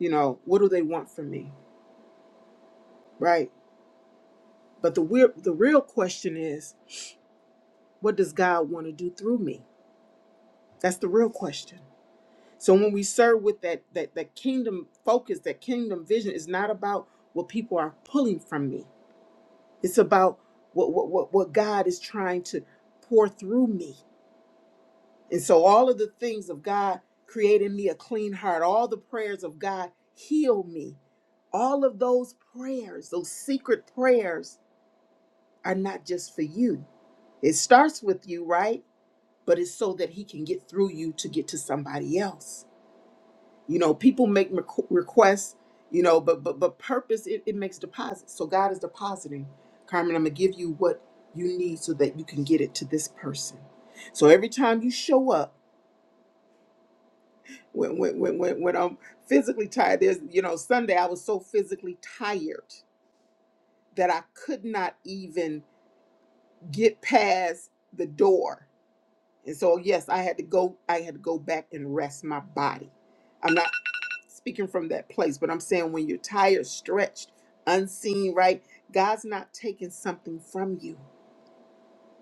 S1: you know, what do they want from me, right? But the, weir- the real question is, what does God want to do through me? That's the real question. So when we serve with that that that kingdom focus, that kingdom vision is not about what people are pulling from me. It's about what what what, what God is trying to pour through me. And so all of the things of God creating me a clean heart, all the prayers of God heal me. All of those prayers, those secret prayers are not just for you. It starts with you, right? But it's so that he can get through you to get to somebody else. you know people make requ- requests you know but but but purpose it, it makes deposits so god is depositing carmen i'm gonna give you what you need so that you can get it to this person so every time you show up when when when, when, when i'm physically tired there's you know sunday i was so physically tired that i could not even get past the door and so yes i had to go i had to go back and rest my body speaking from that place, but I'm saying when you're tired, stretched, unseen, right? God's not taking something from you.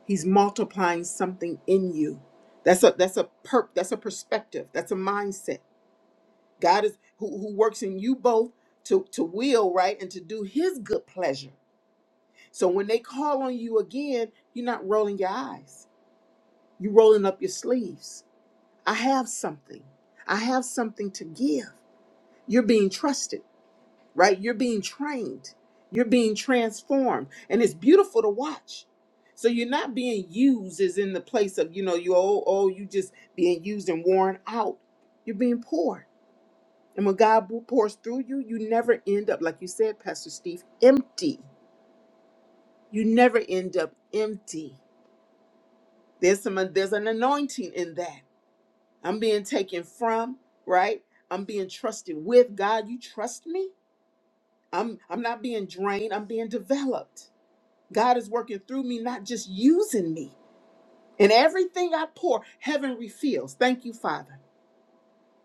S1: He's multiplying something in you. That's a that's a perp that's a perspective. That's a mindset. God is who, who works in you both to, to will, right? And to do his good pleasure. So when they call on you again, you're not rolling your eyes. You're rolling up your sleeves. I have something. I have something to give. You're being trusted. right? You're being trained, you're being transformed, and it's beautiful to watch. So you're not being used as in the place of, you know, you oh, oh, you just being used and worn out. You're being poured. And when God pours through you, you never end up, like you said, Pastor Steve, empty. You never end up empty. There's some uh, there's an anointing in that. I'm being taken from, right? I'm being trusted with. God, you trust me? I'm I'm not being drained, I'm being developed God is working through me, not just using me. And everything I pour, heaven refills. Thank you, Father.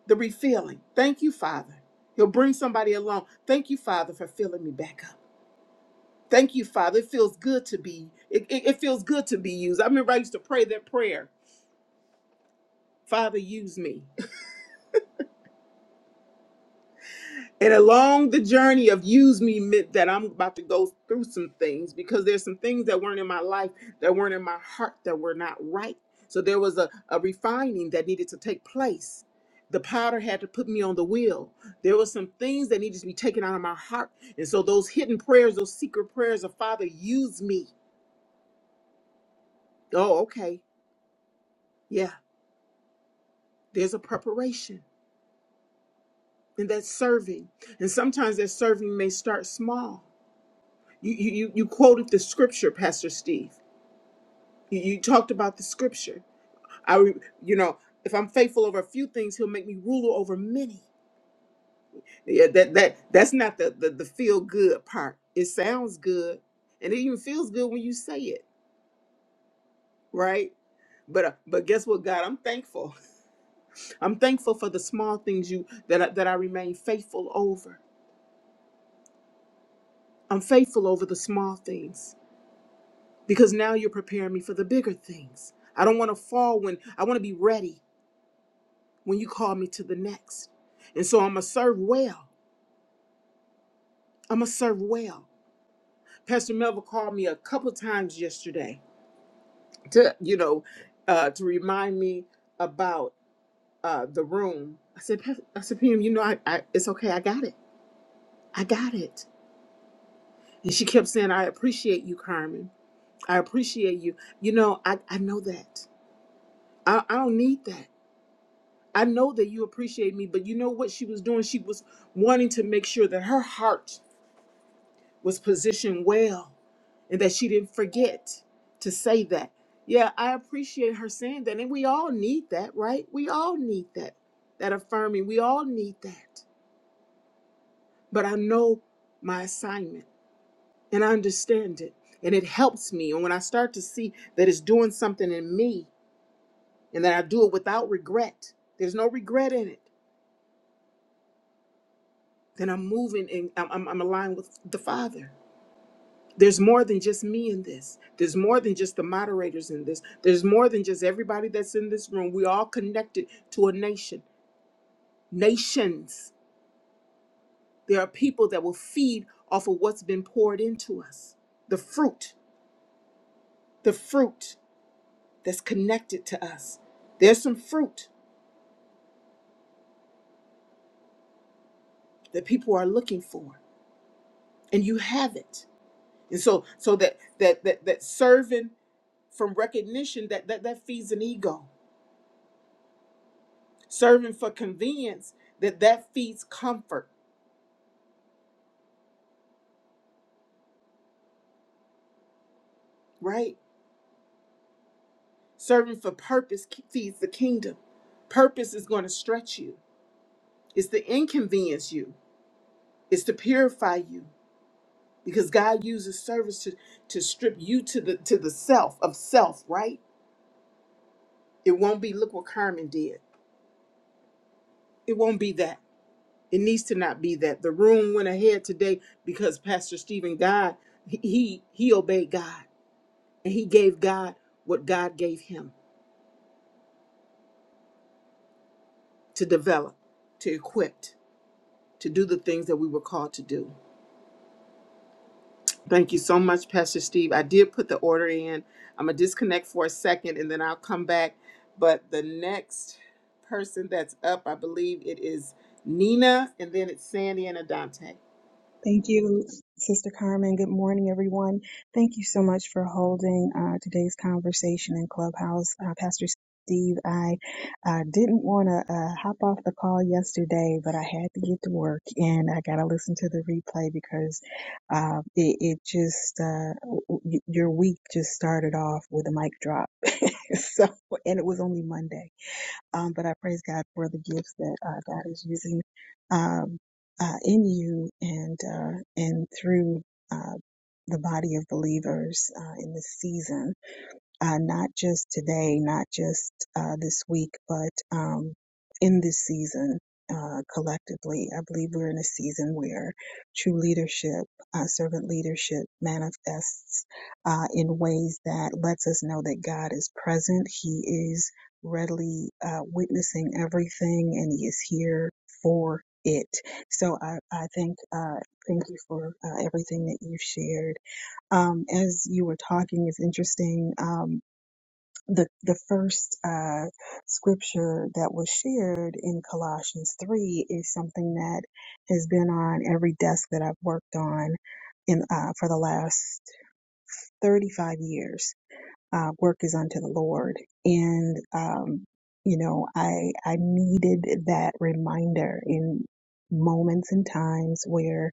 S1: The refilling. Thank you, Father. You'll bring somebody along. Thank you, Father, for filling me back up. Thank you, Father. It feels good to be. It, it, it feels good to be used. I remember I used to pray that prayer. Father, use me. And along the journey of use me meant that I'm about to go through some things because there's some things that weren't in my life, that weren't in my heart, that were not right. So there was a, a refining that needed to take place. The powder had to put me on the wheel. There were some things that needed to be taken out of my heart. And so those hidden prayers, those secret prayers of Father, use me. Oh, okay. Yeah. There's a preparation and that's serving. And sometimes that serving may start small. You, you, you you quoted the scripture, Pastor Steve. You, you talked about the scripture. I, re- you know, if I'm faithful over a few things, He'll make me ruler over many. Yeah, that that that's not the the, the feel good part. It sounds good, and it even feels good when you say it, right? But uh, but guess what, God? I'm thankful. (laughs) I'm thankful for the small things you that I, that I remain faithful over. I'm faithful over the small things because now you're preparing me for the bigger things. I don't want to fall when I want to be ready. when you call me to the next. And so I'm going to serve well. I'm going to serve well. Pastor Melville called me a couple times yesterday to, you know, uh, to remind me about uh, the room. I said, "Pas- I said, PM, you know, I, I, it's okay. I got it. I got it. And she kept saying, I appreciate you, Carmen. I appreciate you. You know, I, I know that. I, I don't need that. I know that you appreciate me, but you know what she was doing? She was wanting to make sure that her heart was positioned well and that she didn't forget to say that. Yeah, I appreciate her saying that. And we all need that, right? We all need that, that affirming. We all need that. But I know my assignment and I understand it. And it helps me. And when I start to see that it's doing something in me and that I do it without regret, there's no regret in it, then I'm moving and I'm, I'm, I'm aligned with the Father. There's more than just me in this. There's more than just the moderators in this. There's more than just everybody that's in this room. We all connected to a nation. Nations. There are people that will feed off of what's been poured into us. The fruit, the fruit that's connected to us. There's some fruit that people are looking for, and you have it. And so, so that that that that serving from recognition that that that feeds an ego. serving for convenience that that feeds comfort right serving for purpose ke- feeds the kingdom purpose is going to stretch you it's to inconvenience you it's to purify you because god uses service to to strip you to the to the self of self right it won't be look what carmen did it won't be that it needs to not be that the room went ahead today because pastor stephen god he he he obeyed god and he gave god what god gave him to develop, to equip, to do the things that we were called to do. Thank you so much, Pastor Steve. I did put the order in. I'm going to disconnect for a second and then I'll come back. But the next person that's up, I believe it is Nina and then it's Sandy and Adante.
S3: Thank you, Sister Carmen. Good morning, everyone. Thank you so much for holding uh, today's conversation in Clubhouse. Uh, Pastor Steve, I uh, didn't want to uh, hop off the call yesterday, but I had to get to work and I got to listen to the replay because uh, it, it just, uh, w- w- your week just started off with a mic drop. (laughs) so, and it was only Monday. Um, but I praise God for the gifts that uh, God is using um, uh, in you and uh, and through uh, the body of believers uh, in this season uh, not just today, not just uh, this week, but um, in this season uh, collectively. I believe we're in a season where true leadership, uh, servant leadership, manifests uh, in ways that lets us know that God is present. He is readily uh, witnessing everything, and He is here for it. So I, I think. Uh, Thank you for uh, everything that you shared um, as you were talking, it's interesting. Um, the the first uh, scripture that was shared in Colossians three is something that has been on every desk that I've worked on in uh, for the last thirty five years uh, work is unto the Lord. And, um, you know, I, I needed that reminder in moments and times where,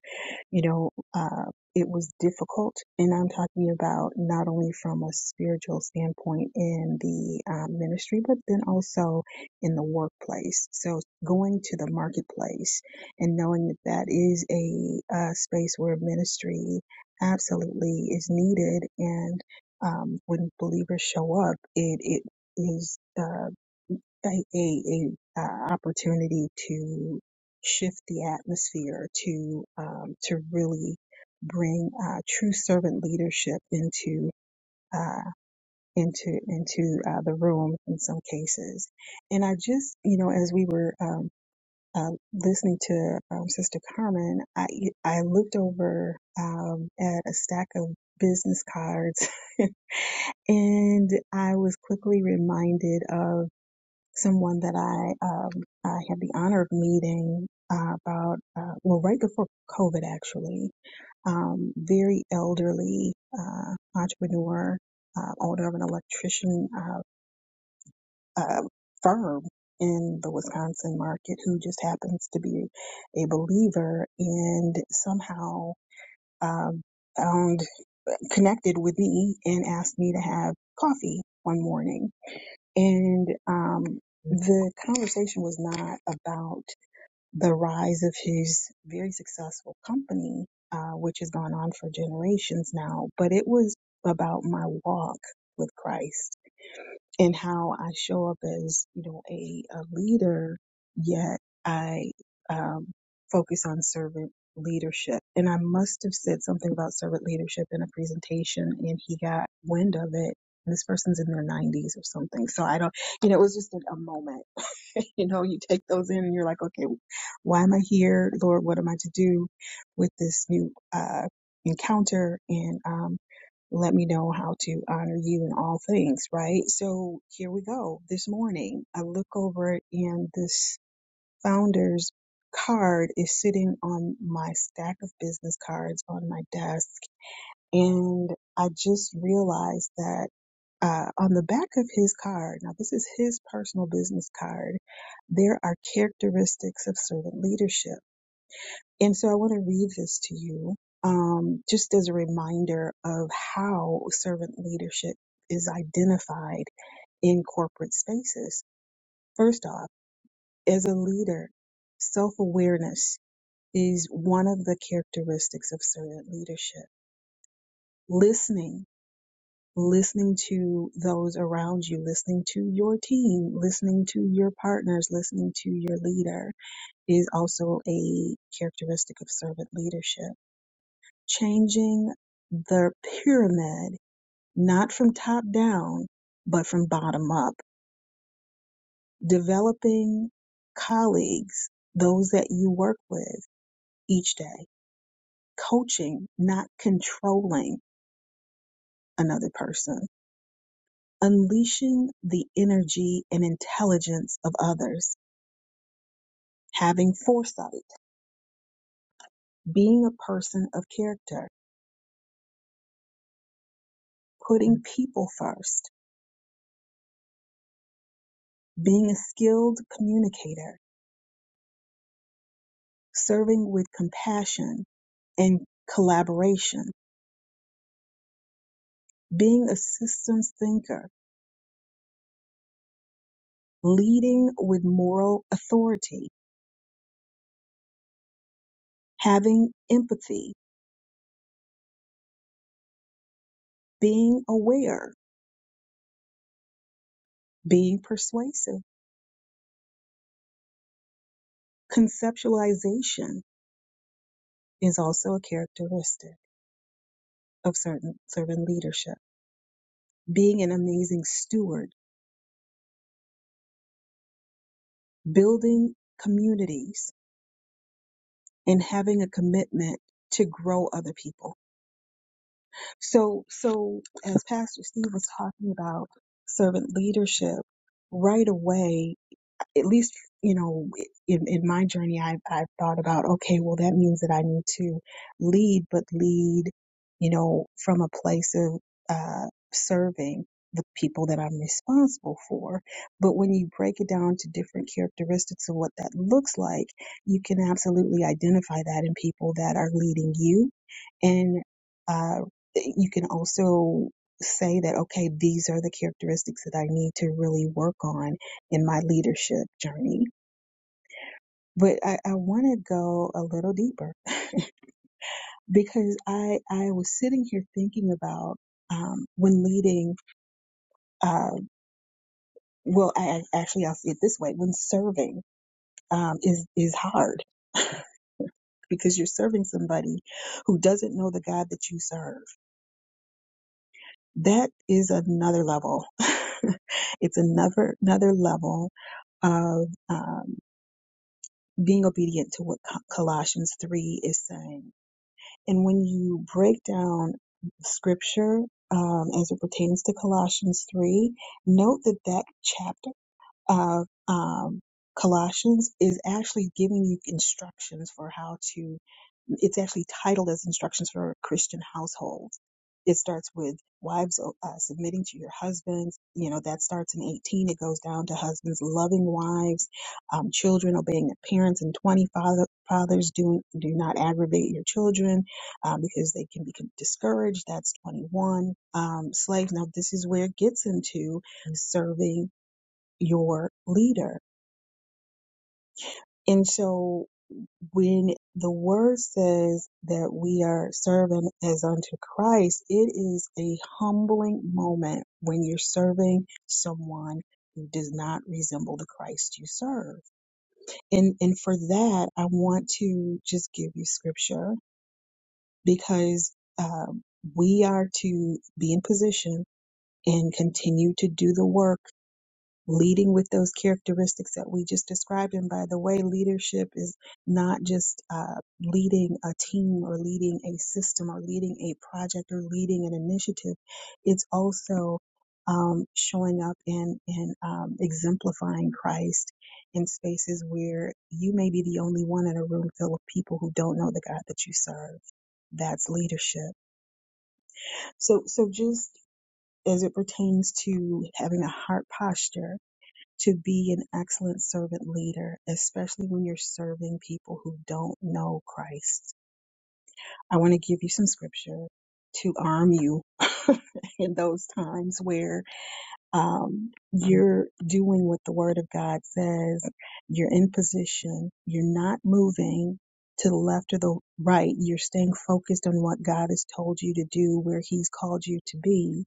S3: you know, uh, it was difficult. And I'm talking about not only from a spiritual standpoint in the um, ministry, but then also in the workplace. So going to the marketplace and knowing that that is a, uh space where ministry absolutely is needed. And um, when believers show up, it it is uh, a, a, a uh, opportunity to shift the atmosphere, to um, to really bring uh, true servant leadership into uh, into into uh, the room in some cases. And I just you know as we were um, uh, listening to um, Sister Carmen, I I looked over um, at a stack of business cards (laughs) And I was quickly reminded of someone that I, um, I had the honor of meeting uh, about, uh, well, right before COVID, actually. Um, very elderly uh, entrepreneur, uh, owner of an electrician uh, uh, firm in the Wisconsin market who just happens to be a believer and somehow um, found connected with me and asked me to have coffee one morning And um, the conversation was not about the rise of his very successful company, uh, which has gone on for generations now, but it was about my walk with Christ and how I show up as, you know, a, a leader, yet I um, focus on servant leadership. And I must have said something about servant leadership in a presentation, and he got wind of it. And this person's in their 90s or something. So I don't, you know, it was just a, a moment. (laughs) you know, you take those in and you're like, okay, why am I here? Lord, what am I to do with this new uh, encounter? And um, let me know how to honor you in all things, right? So here we go. This morning, I look over and this founder's card is sitting on my stack of business cards on my desk and I just realized that uh, on the back of his card, now this is his personal business card, there are characteristics of servant leadership. And so I want to read this to you um, just as a reminder of how servant leadership is identified in corporate spaces. First off, as a leader, self awareness is one of the characteristics of servant leadership. Listening listening to those around you, listening to your team, listening to your partners, listening to your leader is also a characteristic of servant leadership. Changing the pyramid, not from top down, but from bottom up. Developing colleagues, those that you work with each day. Coaching, not controlling another person unleashing the energy and intelligence of others having foresight, being a person of character, putting people first, being a skilled communicator, serving with compassion and collaboration, being a systems thinker, leading with moral authority, having empathy, being aware, being persuasive. Conceptualization is also a characteristic of certain servant leadership. Being an amazing steward building communities and having a commitment to grow other people. So, so as Pastor Steve was talking about servant leadership, right away at least you know in, in my journey I've, I've thought about okay well that means that i need to lead but lead you know from a place of uh, serving the people that i'm responsible for but when you break it down to different characteristics of what that looks like you can absolutely identify that in people that are leading you and uh, you can also say that okay these are the characteristics that i need to really work on in my leadership journey. But I, I want to go a little deeper because I, I was sitting here thinking about um, when leading, uh, well, I, I- actually, I'll see it this way when serving um, is, is hard (laughs) because you're serving somebody who doesn't know the God that you serve. That is another level. (laughs) it's another, another level of um, being obedient to what Colossians 3 is saying And when you break down scripture um, as it pertains to Colossians 3, note that that chapter of um, Colossians is actually giving you instructions for how to it's actually titled as instructions for a christian households it starts with wives uh, submitting to your husbands you know that starts in 18 it goes down to husbands loving wives um, children obeying their parents and 20 father, fathers do, do not aggravate your children um, because they can be discouraged that's 21 um, slaves now this is where it gets into serving your leader and so when the word says that we are serving as unto Christ, it is a humbling moment when you're serving someone who does not resemble the Christ you serve. And and for that, I want to just give you scripture because um, we are to be in position and continue to do the work leading with those characteristics that we just described. And by the way, leadership is not just uh, leading a team or leading a system or leading a project or leading an initiative. It's also um, showing up and and um, exemplifying Christ in spaces where you may be the only one in a room full of people who don't know the God that you serve. That's leadership. So so just as it pertains to having a heart posture to be an excellent servant leader, especially when you're serving people who don't know Christ. I want to give you some scripture to arm you (laughs) in those times where um, you're doing what the Word of God says, you're in position, you're not moving to the left or the right, you're staying focused on what God has told you to do, where He's called you to be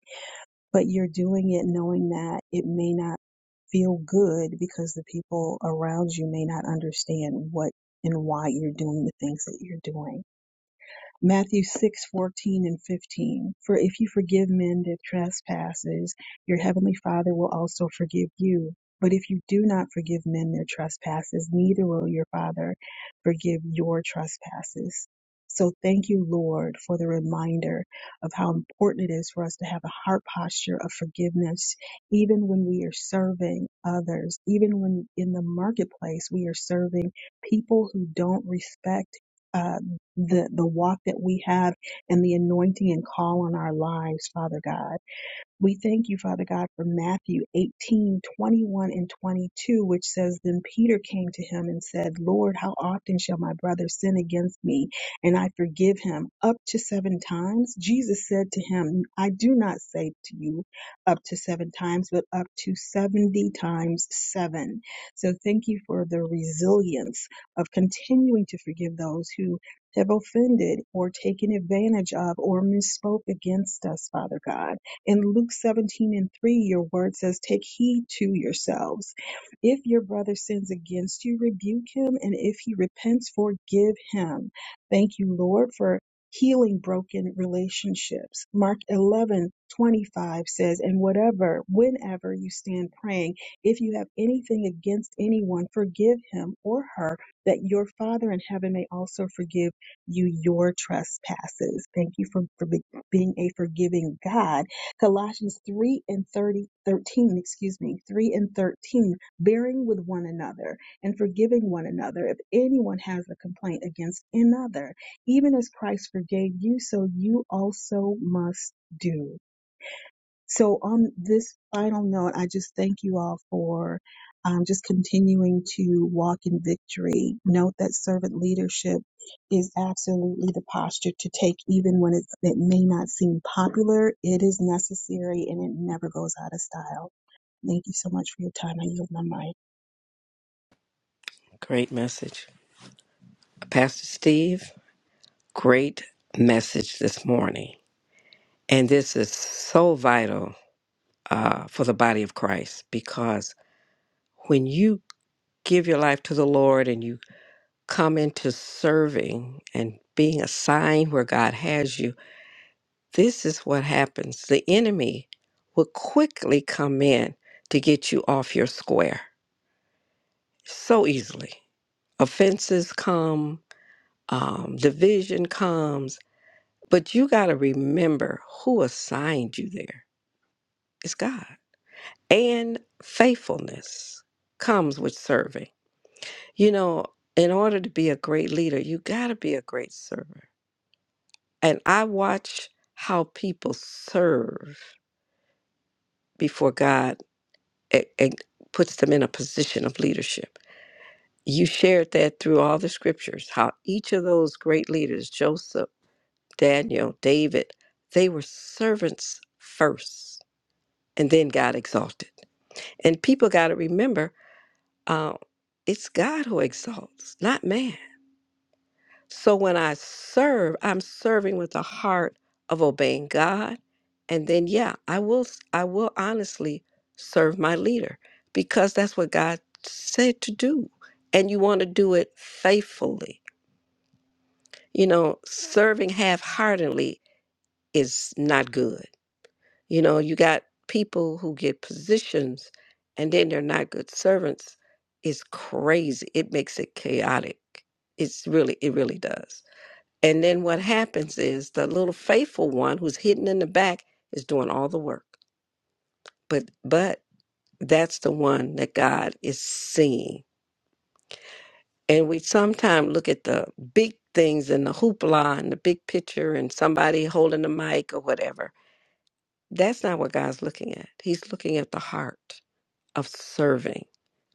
S3: but you're doing it knowing that it may not feel good because the people around you may not understand what and why you're doing the things that you're doing. Matthew six fourteen and 15. For if you forgive men their trespasses, your heavenly Father will also forgive you. But if you do not forgive men their trespasses, neither will your Father forgive your trespasses. So thank you, Lord, for the reminder of how important it is for us to have a heart posture of forgiveness, even when we are serving others, even when in the marketplace we are serving people who don't respect us the, the walk that we have and the anointing and call on our lives, Father God. We thank you, Father God, for Matthew 18 21 and 22, which says, Then Peter came to him and said, Lord, how often shall my brother sin against me and I forgive him? Up to seven times? Jesus said to him, I do not say to you up to seven times, but up to 70 times seven. So thank you for the resilience of continuing to forgive those who have offended or taken advantage of or misspoke against us, Father God. In Luke 17 and 3, your word says, Take heed to yourselves. If your brother sins against you, rebuke him, and if he repents, forgive him. Thank you, Lord, for healing broken relationships. Mark 11 25 says, And whatever, whenever you stand praying, if you have anything against anyone, forgive him or her, that your Father in heaven may also forgive you your trespasses. Thank you for, for be- being a forgiving God Colossians 3 and 30 13, excuse me, 3 and 13, bearing with one another and forgiving one another if anyone has a complaint against another. Even as Christ forgave you, so you also must do. So on this final note, I just thank you all for um, just continuing to walk in victory. Note that servant leadership is absolutely the posture to take, even when it's, it may not seem popular. It is necessary and it never goes out of style. Thank you so much for your time. I yield my mic.
S4: Great message. Pastor Steve, great message this morning. And this is so vital uh, for the body of Christ because when you give your life to the Lord and you come into serving and being assigned where God has you, this is what happens. The enemy will quickly come in to get you off your square so easily offenses come, um, division comes. But you got to remember who assigned you there. It's God. And faithfulness comes with serving. You know, in order to be a great leader, you got to be a great server. And I watch how people serve before God a- and puts them in a position of leadership. You shared that through all the scriptures, how each of those great leaders, Joseph, Daniel, David, they were servants first, and then God exalted. And people got to remember um, it's God who exalts, not man. So when I serve, I'm serving with the heart of obeying God. And then, yeah, I will, I will honestly serve my leader because that's what God said to do. And you want to do it faithfully. You know, serving half heartedly is not good You know, you got people who get positions and then they're not good servants. It's crazy. It makes it chaotic. It's really, it really does. And then what happens is the little faithful one who's hidden in the back is doing all the work. But, but that's the one that God is seeing. And we sometimes look at the big things and the hoopla and the big picture and somebody holding the mic or whatever. That's not what God's looking at. He's looking at the heart. of serving?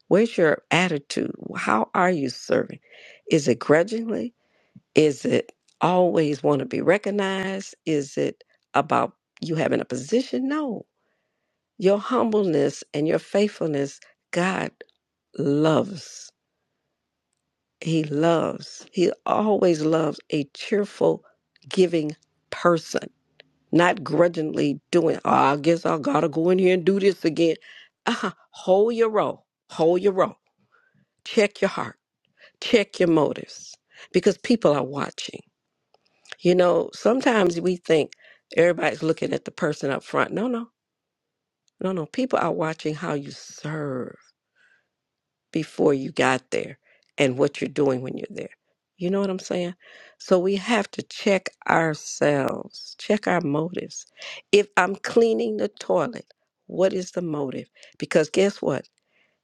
S4: Where's your attitude? How are you serving? Is it grudgingly? Is it always want to be recognized? Is it about you having a position? No. Your humbleness and your faithfulness, God loves. He loves. He always loves a cheerful, giving person, not grudgingly doing, oh, I guess I got to go in here and do this again. Uh-huh. Hold your roll. Hold your roll. Check your heart check your motives because people are watching. You know, sometimes we think everybody's looking at the person up front. No, no, no, no. People are watching how you serve before you got there and what you're doing when you're there. You know what I'm saying? So we have to check ourselves, check our motives. If I'm cleaning the toilet, what is the motive? Because guess what?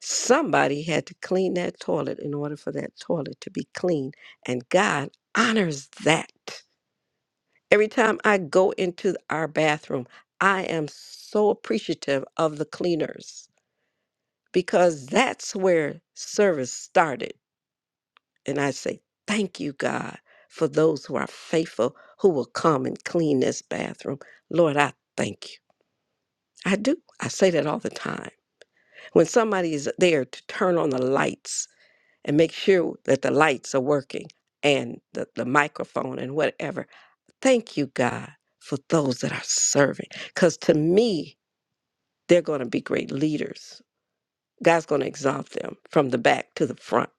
S4: Somebody had to clean that toilet in order for that toilet to be clean. And God honors that. Every time I go into our bathroom, I am so appreciative of the cleaners because that's where service started. And I say, Thank you, God, for those who are faithful who will come and clean this bathroom. Lord, I thank you. I do. I say that all the time. When somebody is there to turn on the lights, and make sure that the lights are working and the, the microphone and whatever. Thank you, God, for those that are serving. Because to me, they're going to be great leaders. God's going to exalt them from the back to the front.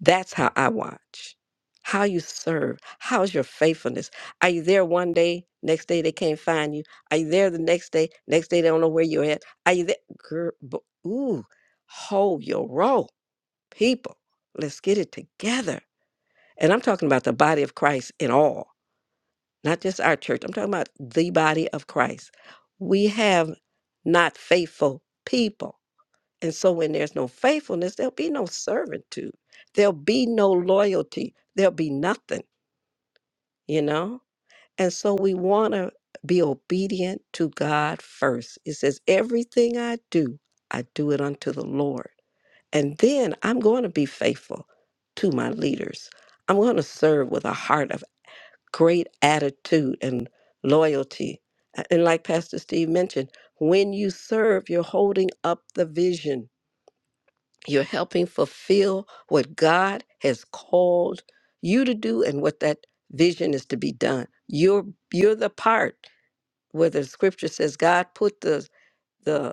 S4: That's how I watch. How you serve. How's your faithfulness? Are you there one day? Next day they can't find you. Are you there the next day? Next day they don't know where you're at. Are you there? Girl, bo- ooh, hold your roll, people. Let's get it together and I'm talking about the body of Christ in all, not just our church. I'm talking about the body of Christ. We have not faithful people. And so when there's no faithfulness, there'll be no servitude, there'll be no loyalty, there'll be nothing, you know? And so we want to be obedient to God first. It says, Everything I do, I do it unto the Lord. And then I'm going to be faithful to my leaders. I'm going to serve with a heart of great attitude and loyalty. A- And like Pastor Steve mentioned, when you serve, you're holding up the vision. You're helping fulfill what God has called you to do and what that vision is to be done. You're you're the part where the scripture says God put the the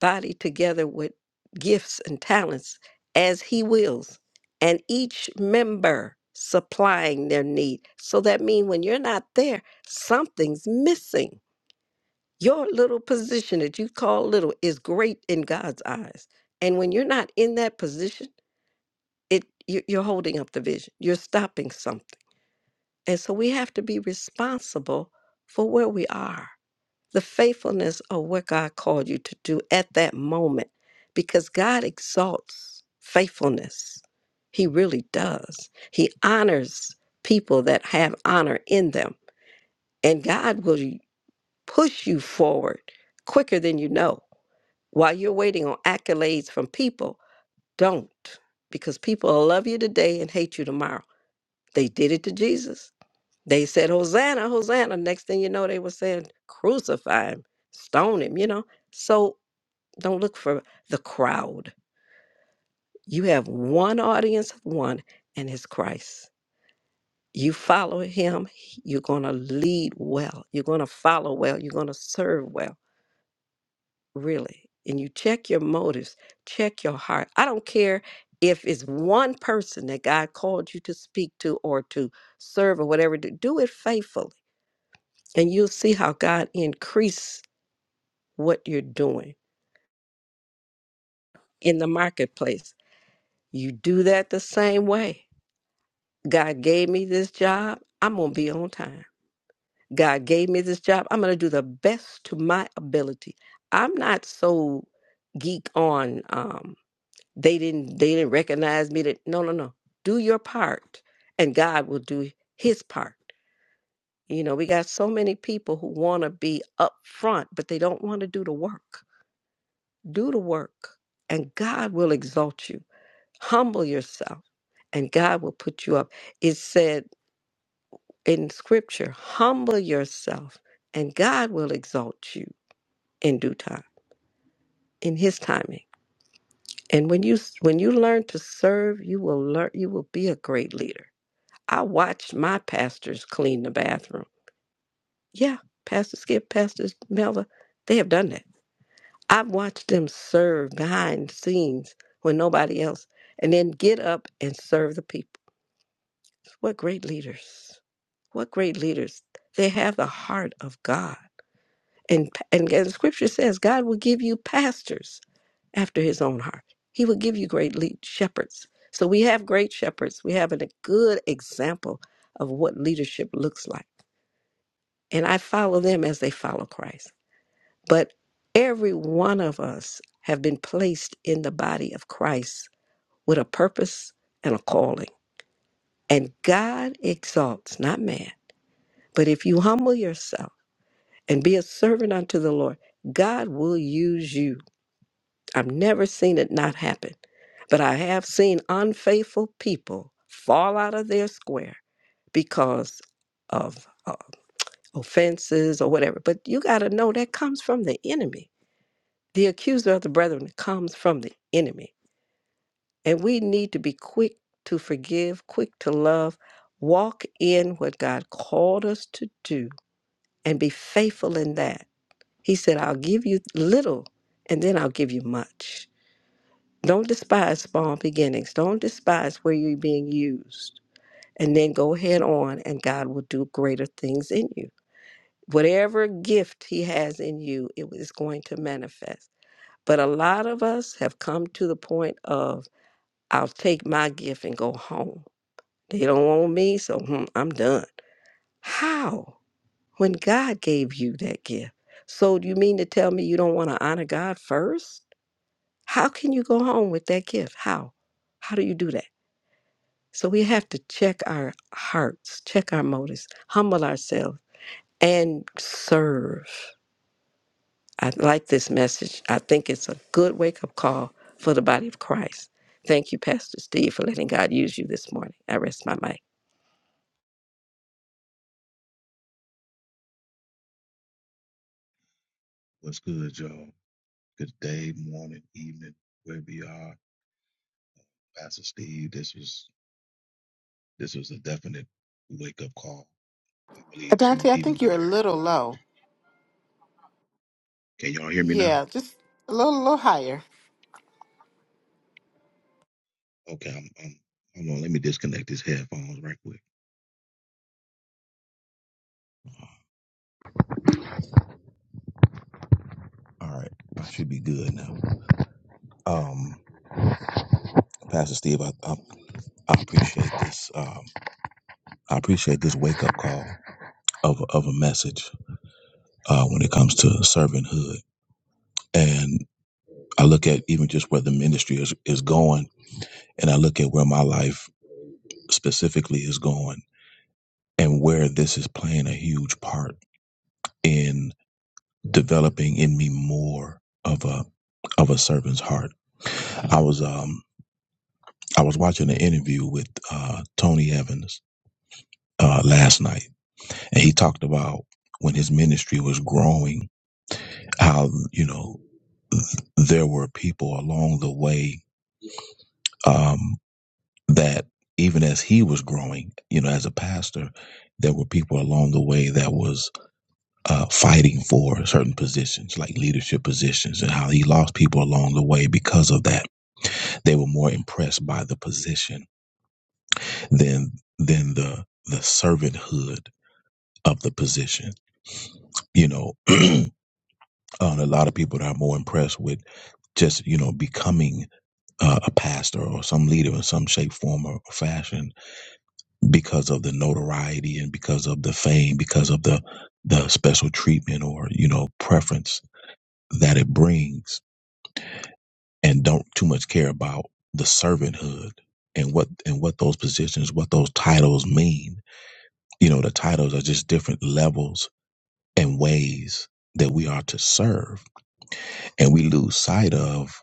S4: body together with gifts and talents as he wills and each member supplying their need so that means when you're not there something's missing your little position that you call little is great in god's eyes and when you're not in that position it you- you're holding up the vision you're stopping something and so we have to be responsible for where we are the faithfulness of what God called you to do at that moment because God exalts faithfulness. He really does. He honors people that have honor in them. And God will push you forward quicker than you know. While you're waiting on accolades from people, don't because people will love you today and hate you tomorrow. They did it to Jesus. They said, Hosanna, Hosanna. Next thing you know, they were saying, crucify him, stone him, you know. So don't look for the crowd. You have one audience of one, and it's Christ. You follow him, he- you're going to lead well. You're going to follow well. You're going to serve well, really. And you check your motives, check your heart. I don't care if it's one person that God called you to speak to or to serve or whatever, do do it faithfully and you'll see how God increase what you're doing in the marketplace. You do that the same way. God gave me this job, I'm going to be on time. God gave me this job, I'm going to do the best to my ability. I'm not so geek on um they didn't they didn't recognize me that no no no. Do your part and God will do his part. You know, we got so many people who want to be up front, but they don't want to do the work Do the work, and God will exalt you. Humble yourself, and God will put you up. It said in Scripture, humble yourself, and God will exalt you in due time, in His timing. And when you when you learn to serve, you will learn. You will be a great leader. I watched my pastors clean the bathroom. Yeah, Pastor Skip, Pastor Melva, they have done that I've watched them serve behind the scenes when nobody else, and then get up and serve the people. What great leaders! What great leaders! They have the heart of God, and and, and Scripture says God will give you pastors after His own heart. He will give you great lead shepherds. So we have great shepherds. We have a good example of what leadership looks like, and I follow them as they follow Christ. But every one of us have been placed in the body of Christ with a purpose and a calling. And God exalts, not man. But if you humble yourself and be a servant unto the Lord, God will use you. I've never seen it not happen. But I have seen unfaithful people fall out of their square because of uh, offenses or whatever. But you got to know that comes from the enemy The accuser of the brethren comes from the enemy, and we need to be quick to forgive, quick to love, walk in what God called us to do, and be faithful in that. He said, I'll give you little, and then I'll give you much. Don't despise small beginnings. Don't despise where you're being used. And then go ahead on, and God will do greater things in you. Whatever gift He has in you, it is going to manifest. But a lot of us have come to the point of I'll take my gift and go home. They don't want me, so hmm, I'm done. How? When God gave you that gift. So do you mean to tell me you don't want to honor God first? How can you go home with that gift? How? How do you do that? So we have to check our hearts, check our motives, humble ourselves, and serve. I like this message. I think it's a good wake up call for the body of Christ. Thank you, Pastor Steve, for letting God use you this morning. I rest my mic.
S5: What's good, y'all? Good day, morning, evening, wherever you are. Pastor Steve, this was this was a definite wake up call, I believe. So
S1: Adante, I
S5: even
S1: think you're a
S5: where
S1: little low.
S5: can y'all hear me now?
S1: Yeah, just a little, little higher.
S5: Okay, I'm, I'm hold on. Let me disconnect these headphones right quick. All right, I should be good now. Um, Pastor Steve, I I, I appreciate this. Um, I appreciate this wake up call of a- of a message uh, when it comes to servanthood, and I look at even just where the ministry is is going, and I look at where my life specifically is going and where this is playing a huge part in developing in me more of a of a servant's heart. I was um I was watching an interview with uh Tony Evans uh last night and he talked about when his ministry was growing how you know there were people along the way um that even as he was growing, you know, as a pastor, there were people along the way that was uh, fighting for certain positions, like leadership positions, and how he lost people along the way because of that. They were more impressed by the position than than the the servanthood of the position. You know, (clears throat) um, a lot of people that are more impressed with just you know becoming uh, a pastor or some leader in some shape, form, or fashion because of the notoriety and because of the fame, because of the the special treatment or you know preference that it brings and don't too much care about the servanthood and what and what those positions, what those titles mean. You know, the titles are just different levels and ways that we are to serve, and we lose sight of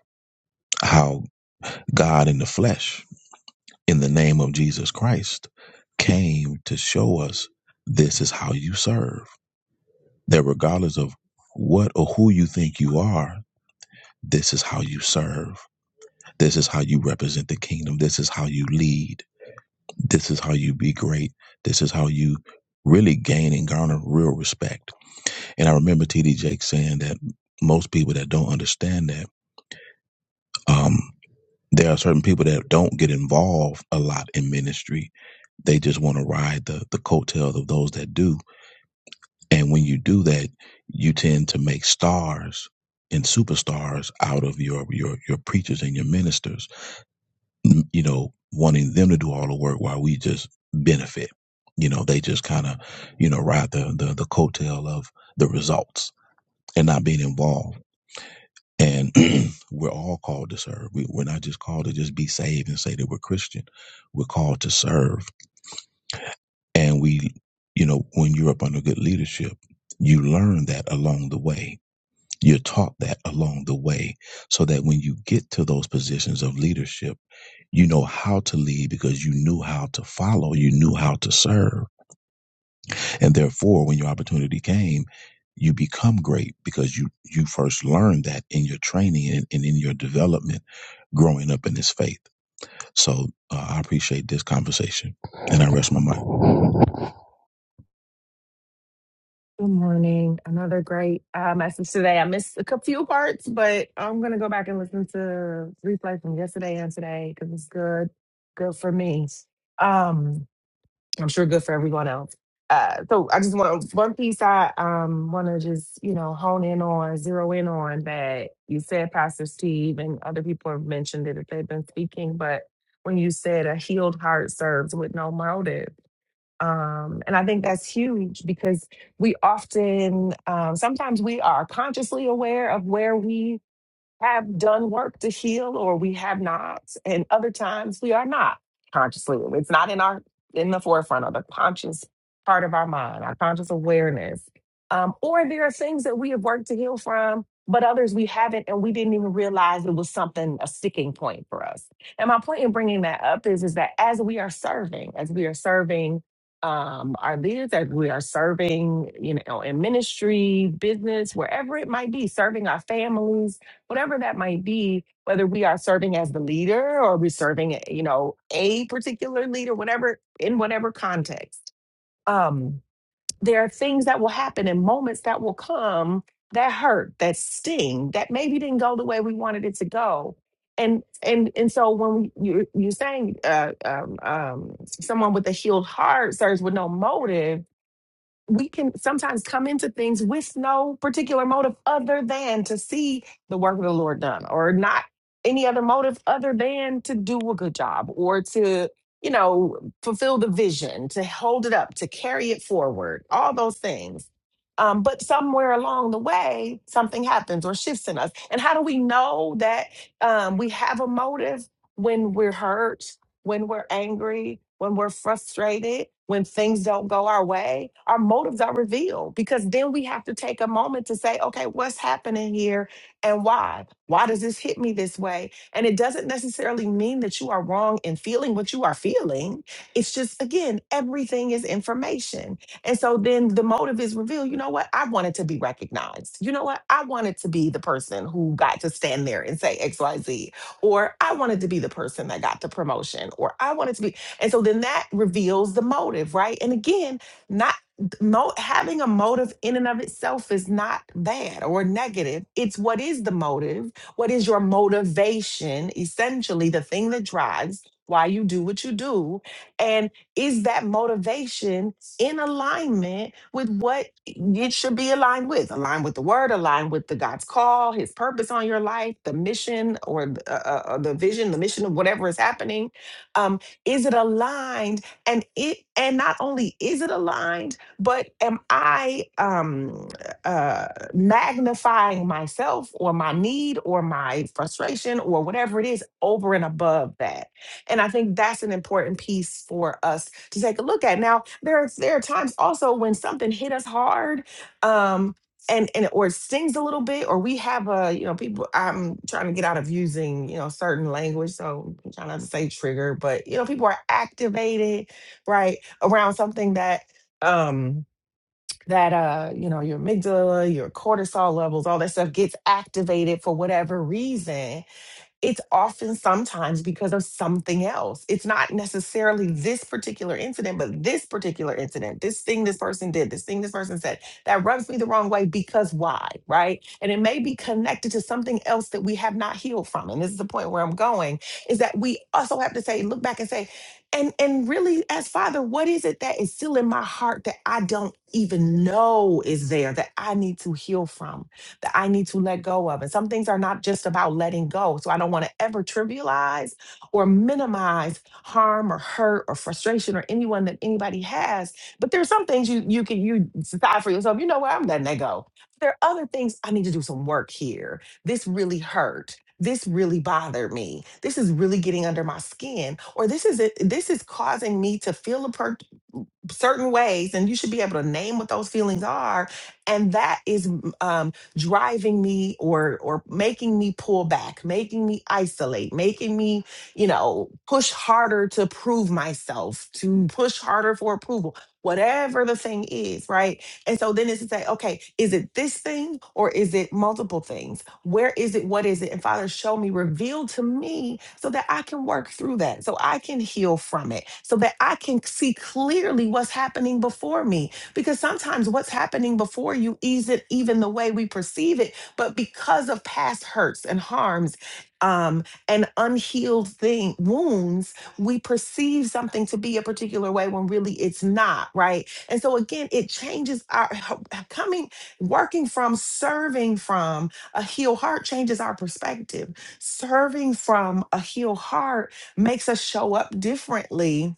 S5: how God in the flesh, in the name of Jesus Christ, came to show us this is how you serve. That regardless of what or who you think you are, this is how you serve. This is how you represent the kingdom. This is how you lead This is how you be great. This is how you really gain and garner real respect. And I remember TD Jake saying that most people that don't understand that, um, there are certain people that don't get involved a lot in ministry. They just want to ride the, the coattails of those that do. And when you do that, you tend to make stars and superstars out of your, your, your preachers and your ministers you know, wanting them to do all the work while we just benefit. You know, they just kind of, you know, ride the, the, the coattail of the results and not being involved. And (clears throat) we're all called to serve. We, we're not just called to just be saved and say that we're Christian. We're called to serve. And we, you know, when you're up under good leadership, you learn that along the way. You're taught that along the way so that when you get to those positions of leadership, You know how to lead because you knew how to follow, you knew how to serve. And therefore, when your opportunity came, you become great because you you first learned that in your training and, and in your development growing up in this faith. So uh, I appreciate this conversation and I rest my mind.
S6: Good morning. Another great uh, message today. I missed a cou- few parts, but I'm going to go back and listen to replay from yesterday and today because it's good, good for me. Um, I'm sure good for everyone else. Uh, so I just want one piece I um, want to just you know hone in on, zero in on that you said, Pastor Steve, and other people have mentioned it if they've been speaking. But when you said a healed heart serves with no motive, um, and I think that's huge because we often, um, sometimes we are consciously aware of where we have done work to heal or we have not and other times we are not consciously it's not in our in the forefront of the conscious part of our mind our conscious awareness um, or there are things that we have worked to heal from but others we haven't and we didn't even realize it was something a sticking point for us and my point in bringing that up is is that as we are serving as we are serving um, our leaders as we are serving you know in ministry business wherever it might be serving our families whatever that might be, whether we are serving as the leader or we're serving, eh, you know, a particular leader, whatever, in whatever context, um, there are things that will happen and moments that will come that hurt, that sting, that maybe didn't go the way we wanted it to go. And and and so when you you're saying uh, um, um, someone with a healed heart serves with no motive, we can sometimes come into things with no particular motive other than to see the work of the Lord done, or not any other motive other than to do a good job or to, you know, fulfill the vision, to hold it up, to carry it forward, all those things. Um, but somewhere along the way, something happens or shifts in us. And how do we know that um, we have a motive when we're hurt? when we're angry, when we're frustrated, when things don't go our way, our motives are revealed because then we have to take a moment to say, okay, what's happening here and why? Why does this hit me this way? And it doesn't necessarily mean that you are wrong in feeling what you are feeling. It's just, again, everything is information. And so then the motive is revealed. You know what? I wanted to be recognized. You know what? I wanted to be the person who got to stand there and say XYZ or I wanted to be the person that got the promotion, or I wanted to be. And so then that reveals the motive, right? And again, not mo- having a motive in and of itself is not bad or negative. It's what is the motive? What is your motivation? Essentially, the thing that drives why you do what you do. and is that motivation in alignment with what it should be aligned with aligned with the word aligned with the god's call his purpose on your life the mission or the, uh, uh, uh, the vision the mission of whatever is happening um, is it aligned and it and not only is it aligned but am i um, uh, magnifying myself or my need or my frustration or whatever it is over and above that and I think that's an important piece for us to take a look at. Now, there are, there are times also when something hit us hard, um, and and or it stings a little bit, or we have a you know people. I'm trying to get out of using you know certain language, so I'm trying not to say trigger, but you know people are activated right around something that um that uh you know your amygdala, your cortisol levels, all that stuff gets activated for whatever reason it's often sometimes because of something else. It's not necessarily this particular incident, but this particular incident, this thing this person did, this thing this person said that rubs me the wrong way because why, right? And it may be connected to something else that we have not healed from. And this is the point where I'm going is that we also have to say, look back and say, and and really as father, what is it that is still in my heart that I don't even know is there that I need to heal from? that I need to let go of. And some things are not just about letting go. So I don't want to ever trivialize or minimize harm or hurt or frustration or anyone that anybody has. But there's some things you you can you decide for yourself, you know what, I'm letting that go. There are other things I need to do some work here. This really hurt. This really bothered me. This is really getting under my skin, or this is it, this is causing me to feel a per- certain ways and you should be able to name what those feelings are and that is mm, um driving me or or making me pull back making me isolate making me you know push harder to prove myself to push harder for approval whatever the thing is right and so then it's to say, okay, is it this thing or is it multiple things? Where is it? What is it? And Father, show me, reveal to me so that I can work through that, so I can heal from it, so that I can see clearly what's happening before me. Because sometimes what's happening before you isn't even the way we perceive it, but because of past hurts and harms um, and unhealed thing wounds, we perceive something to be a particular way when really it's not, right? And so again, it changes our (laughs) coming, working from, serving from a healed heart changes our perspective. Serving from a healed heart makes us show up differently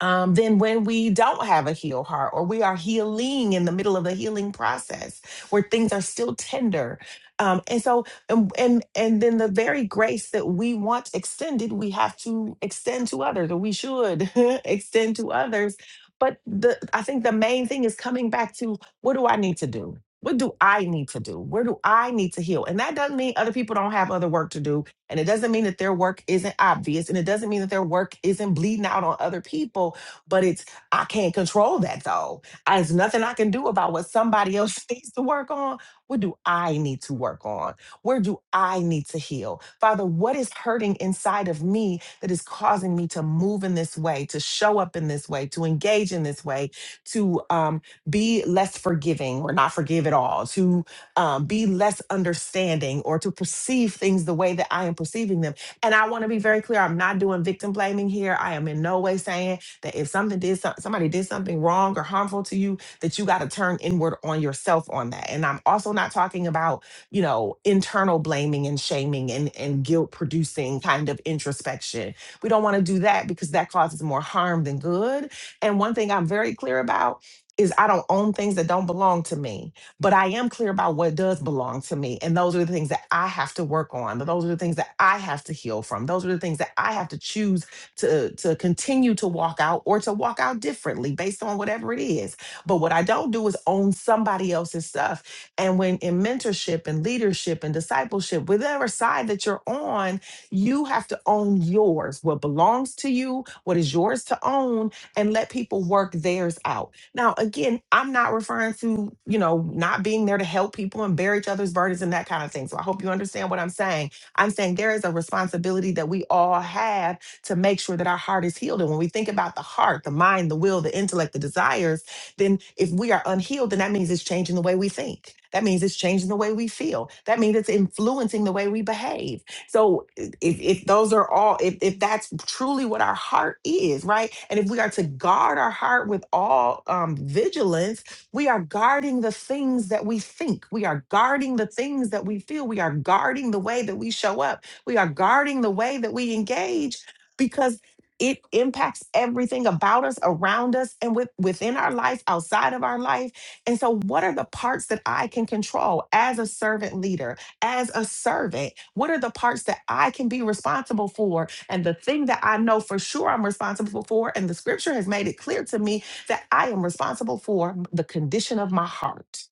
S6: um, than when we don't have a healed heart or we are healing in the middle of the healing process where things are still tender. Um, and so, and, and and then the very grace that we want extended, we have to extend to others, or we should (laughs) extend to others. But the I think the main thing is coming back to what do I need to do? What do I need to do? Where do I need to heal? And that doesn't mean other people don't have other work to do and it doesn't mean that their work isn't obvious and it doesn't mean that their work isn't bleeding out on other people, but it's, I can't control that though. I- There's nothing I can do about what somebody else (laughs) needs to work on. What do I need to work on? Where do I need to heal? Father, what is hurting inside of me that is causing me to move in this way, to show up in this way, to engage in this way, to um, be less forgiving or not forgive at all, To um, be less understanding or to perceive things the way that I am perceiving them. And I want to be very clear I'm not doing victim blaming here. I am in no way saying that if something did some, somebody did something wrong or harmful to you, that you got to turn inward on yourself on that. And I'm also not talking about, you know, internal blaming and shaming and, and guilt producing kind of introspection. We don't want to do that because that causes more harm than good. And one thing I'm very clear about is I don't own things that don't belong to me but I am clear about what does belong to me. And those are the things that I have to work on. Those are the things that I have to heal from. Those are the things that I have to choose to, to continue to walk out or to walk out differently based on whatever it is. But what I don't do is own somebody else's stuff. And when in mentorship and leadership and discipleship, whatever side that you're on, you have to own yours, what belongs to you, what is yours to own, and let people work theirs out. Now, again, I'm not referring to, you know, not being there to help people and bear each other's burdens and that kind of thing. So I hope you understand what I'm saying. I'm saying there is a responsibility that we all have to make sure that our heart is healed. And when we think about the heart, the mind, the will, the intellect, the desires, then if we are unhealed, then that means it's changing the way we think. That means it's changing the way we feel. That means it's influencing the way we behave. So if if those are all if if that's truly what our heart is right and if we are to guard our heart with all um vigilance we are guarding the things that we think we are guarding the things that we feel we are guarding the way that we show up we are guarding the way that we engage because it impacts everything about us around us and with, within our life outside of our life and so what are the parts that i can control as a servant leader as a servant? What are the parts that I can be responsible for? And the thing that I know for sure I'm responsible for, and the scripture has made it clear to me that I am responsible for the condition of my heart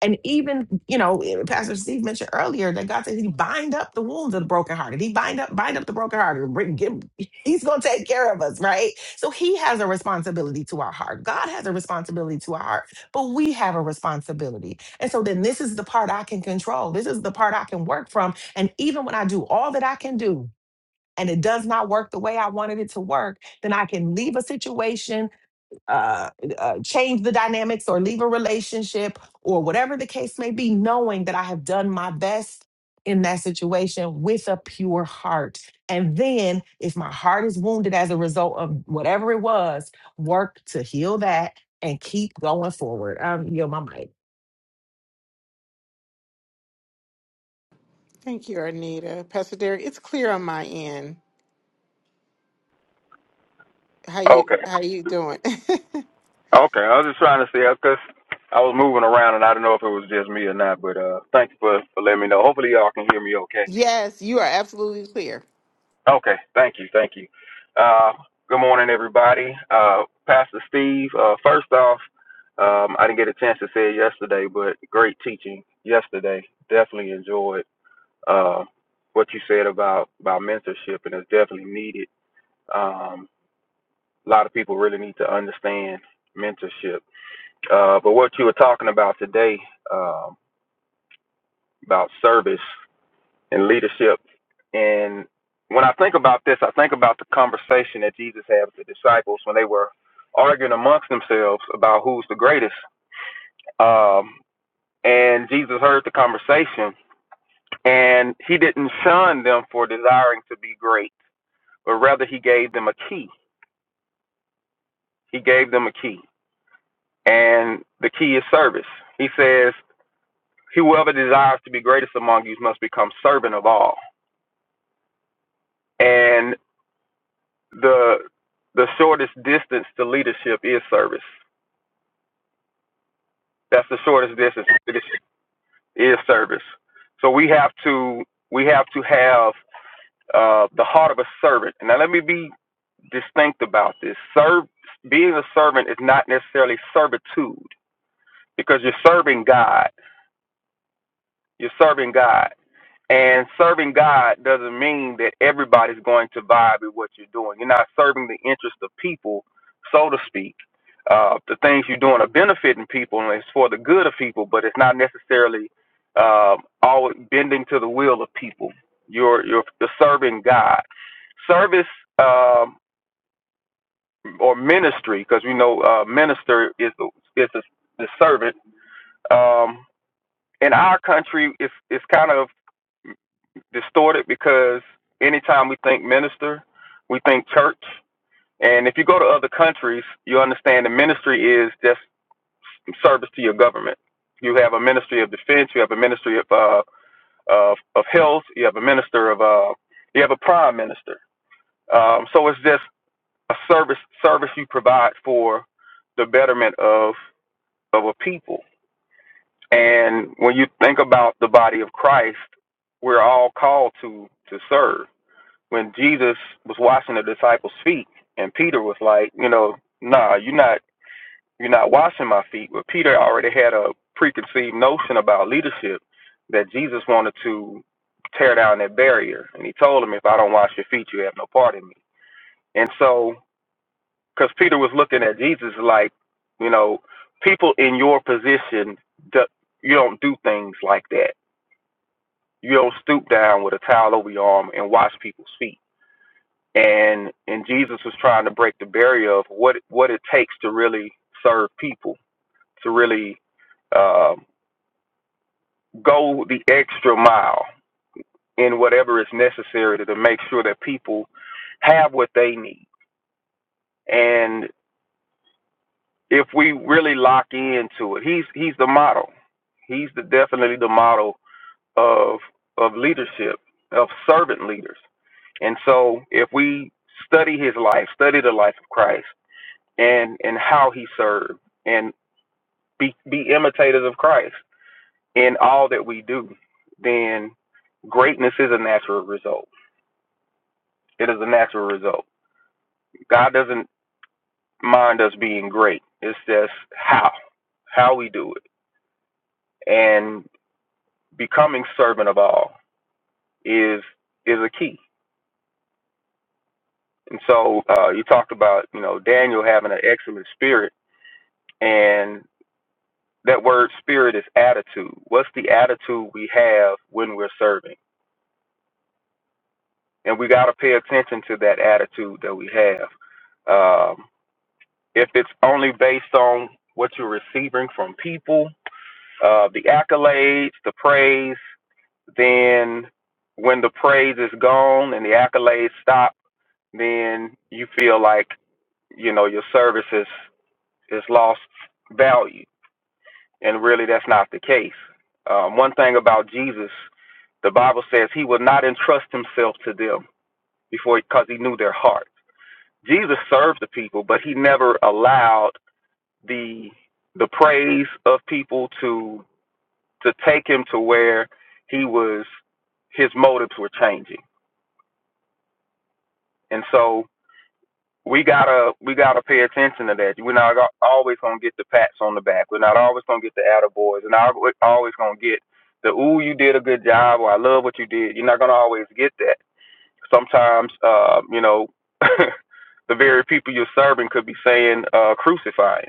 S6: and even, you know, Pastor Steve mentioned earlier that God says he bind up the wounds of the brokenhearted. He bind up, bind up the brokenhearted. Bring, give, he's going to take care of us, right? So he has a responsibility to our heart. God has a responsibility to our heart, but we have a responsibility. And so then this is the part I can control. This is the part I can work from. And even when I do all that I can do, and it does not work the way I wanted it to work, then I can leave a situation uh, uh, change the dynamics or leave a relationship or whatever the case may be, knowing that I have done my best in that situation with a pure heart. And then, if my heart is wounded as a result of whatever it was, work to heal that and keep going forward. Um, you know, my mic.
S1: Thank you, Anita. Pastor Derek, it's clear on my end. How you
S7: Okay.
S1: how you doing? (laughs)
S7: Okay. I was just trying to see because I was moving around and I didn't know if it was just me or not. But uh, thank you for, for letting me know. Hopefully y'all can hear me okay.
S1: yes, you are absolutely clear.
S7: Okay. Thank you. Thank you. Uh, good morning, everybody. Uh, Pastor Steve. Uh, first off, um, I didn't get a chance to say it yesterday, but great teaching yesterday. Definitely enjoyed uh, what you said about about mentorship, and it's definitely needed. Um, a lot of people really need to understand mentorship Uh, but what you were talking about today um, about service and leadership, and when I think about this, I think about the conversation that Jesus had with the disciples when they were arguing amongst themselves about who's the greatest. Um, and Jesus heard the conversation, and he didn't shun them for desiring to be great, but rather he gave them a key. He gave them a key, and the key is service. He says, "Whoever desires to be greatest among you must become servant of all." and the the shortest distance to leadership is service. That's the shortest distance to leadership is service. So we have to we have to have uh, the heart of a servant. Now let me be distinct about this. Serve being a servant is not necessarily servitude because you're serving God. You're serving God. And serving God doesn't mean that everybody's going to vibe with what you're doing. You're not serving the interest of people, so to speak. Uh, the things you're doing are benefiting people and it's for the good of people, but it's not necessarily um always bending to the will of people. You're you're, you're serving God. Service um, or ministry, because we know uh, minister is the is the, the servant. Um, in our country, it's it's kind of distorted because anytime we think minister, we think church. And if you go to other countries, you understand the ministry is just service to your government. You have a ministry of defense, you have a ministry of uh, of, of health, you have a minister of uh, you have a prime minister. Um, so it's just a service service you provide for the betterment of of a people. And when you think about the body of Christ, we're all called to to serve when Jesus was washing the disciples' feet, and Peter was like, you know, nah, you're not, you're not washing my feet. But Peter already had a preconceived notion about leadership that Jesus wanted to tear down that barrier, and he told him, if I don't wash your feet, you have no part in me. And so, because Peter was looking at Jesus like, you know, people in your position, do, you don't do things like that. You don't stoop down with a towel over your arm and wash people's feet and and Jesus was trying to break the barrier of what what it takes to really serve people, to really uh, go the extra mile in whatever is necessary to, to make sure that people have what they need. And if we really lock into it, he's he's the model. He's the definitely the model of of leadership, of servant leaders. And so if we study his life, study the life of Christ, and and how he served and be be imitators of Christ in all that we do, then greatness is a natural result. It is a natural result. God doesn't mind us being great. It's just how how we do it. And becoming servant of all is is a key. And so uh, you talked about you know Daniel having an excellent spirit, and that word spirit is attitude. What's the attitude we have when we're serving? and we got to pay attention to that attitude that we have. Um, if it's only based on what you're receiving from people, uh, the accolades, the praise, then when the praise is gone and the accolades stop, then you feel like you know your service is, is lost value, and really that's not the case. Um, one thing about Jesus, the Bible says he would not entrust himself to them before because he knew their heart. Jesus served the people, but he never allowed the the praise of people to to take him to where he was his motives were changing. And so we gotta we gotta pay attention to that. We're not always gonna get the pats on the back. We're not always gonna get the attaboys. We're not al- always gonna get the ooh you did a good job or I love what you did. You're not gonna always get that. Sometimes uh, you know (laughs) the very people you're serving could be saying uh, crucify him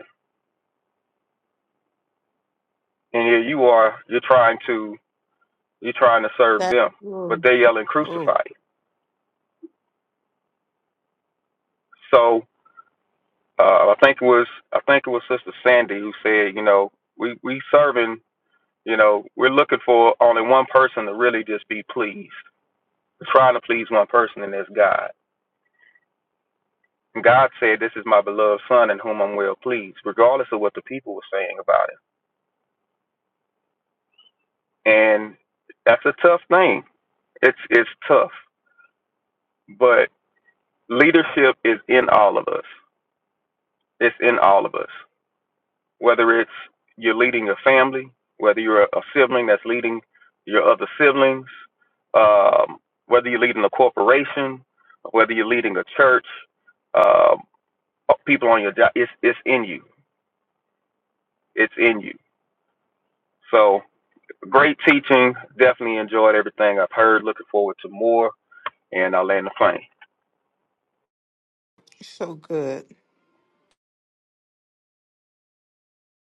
S7: and here you are you're trying to you're trying to serve them
S1: That
S7: but they're yelling
S1: Oh,
S7: crucify him. so uh, i think it was i think it was sister sandy who said you know we we serving you know we're looking for only one person to really just be pleased we're trying to please one person and that's god and god said this is my beloved son in whom i'm well pleased regardless of what the people were saying about it. and that's a tough thing it's it's tough but leadership is in all of us It's in all of us. Whether it's you're leading a family, whether you're a sibling that's leading your other siblings, um, whether you're leading a corporation, whether you're leading a church, um, people on your job, it's it's in you. It's in you. So great teaching. Definitely enjoyed everything I've heard. Looking forward to more. And I'll land the plane.
S1: so good.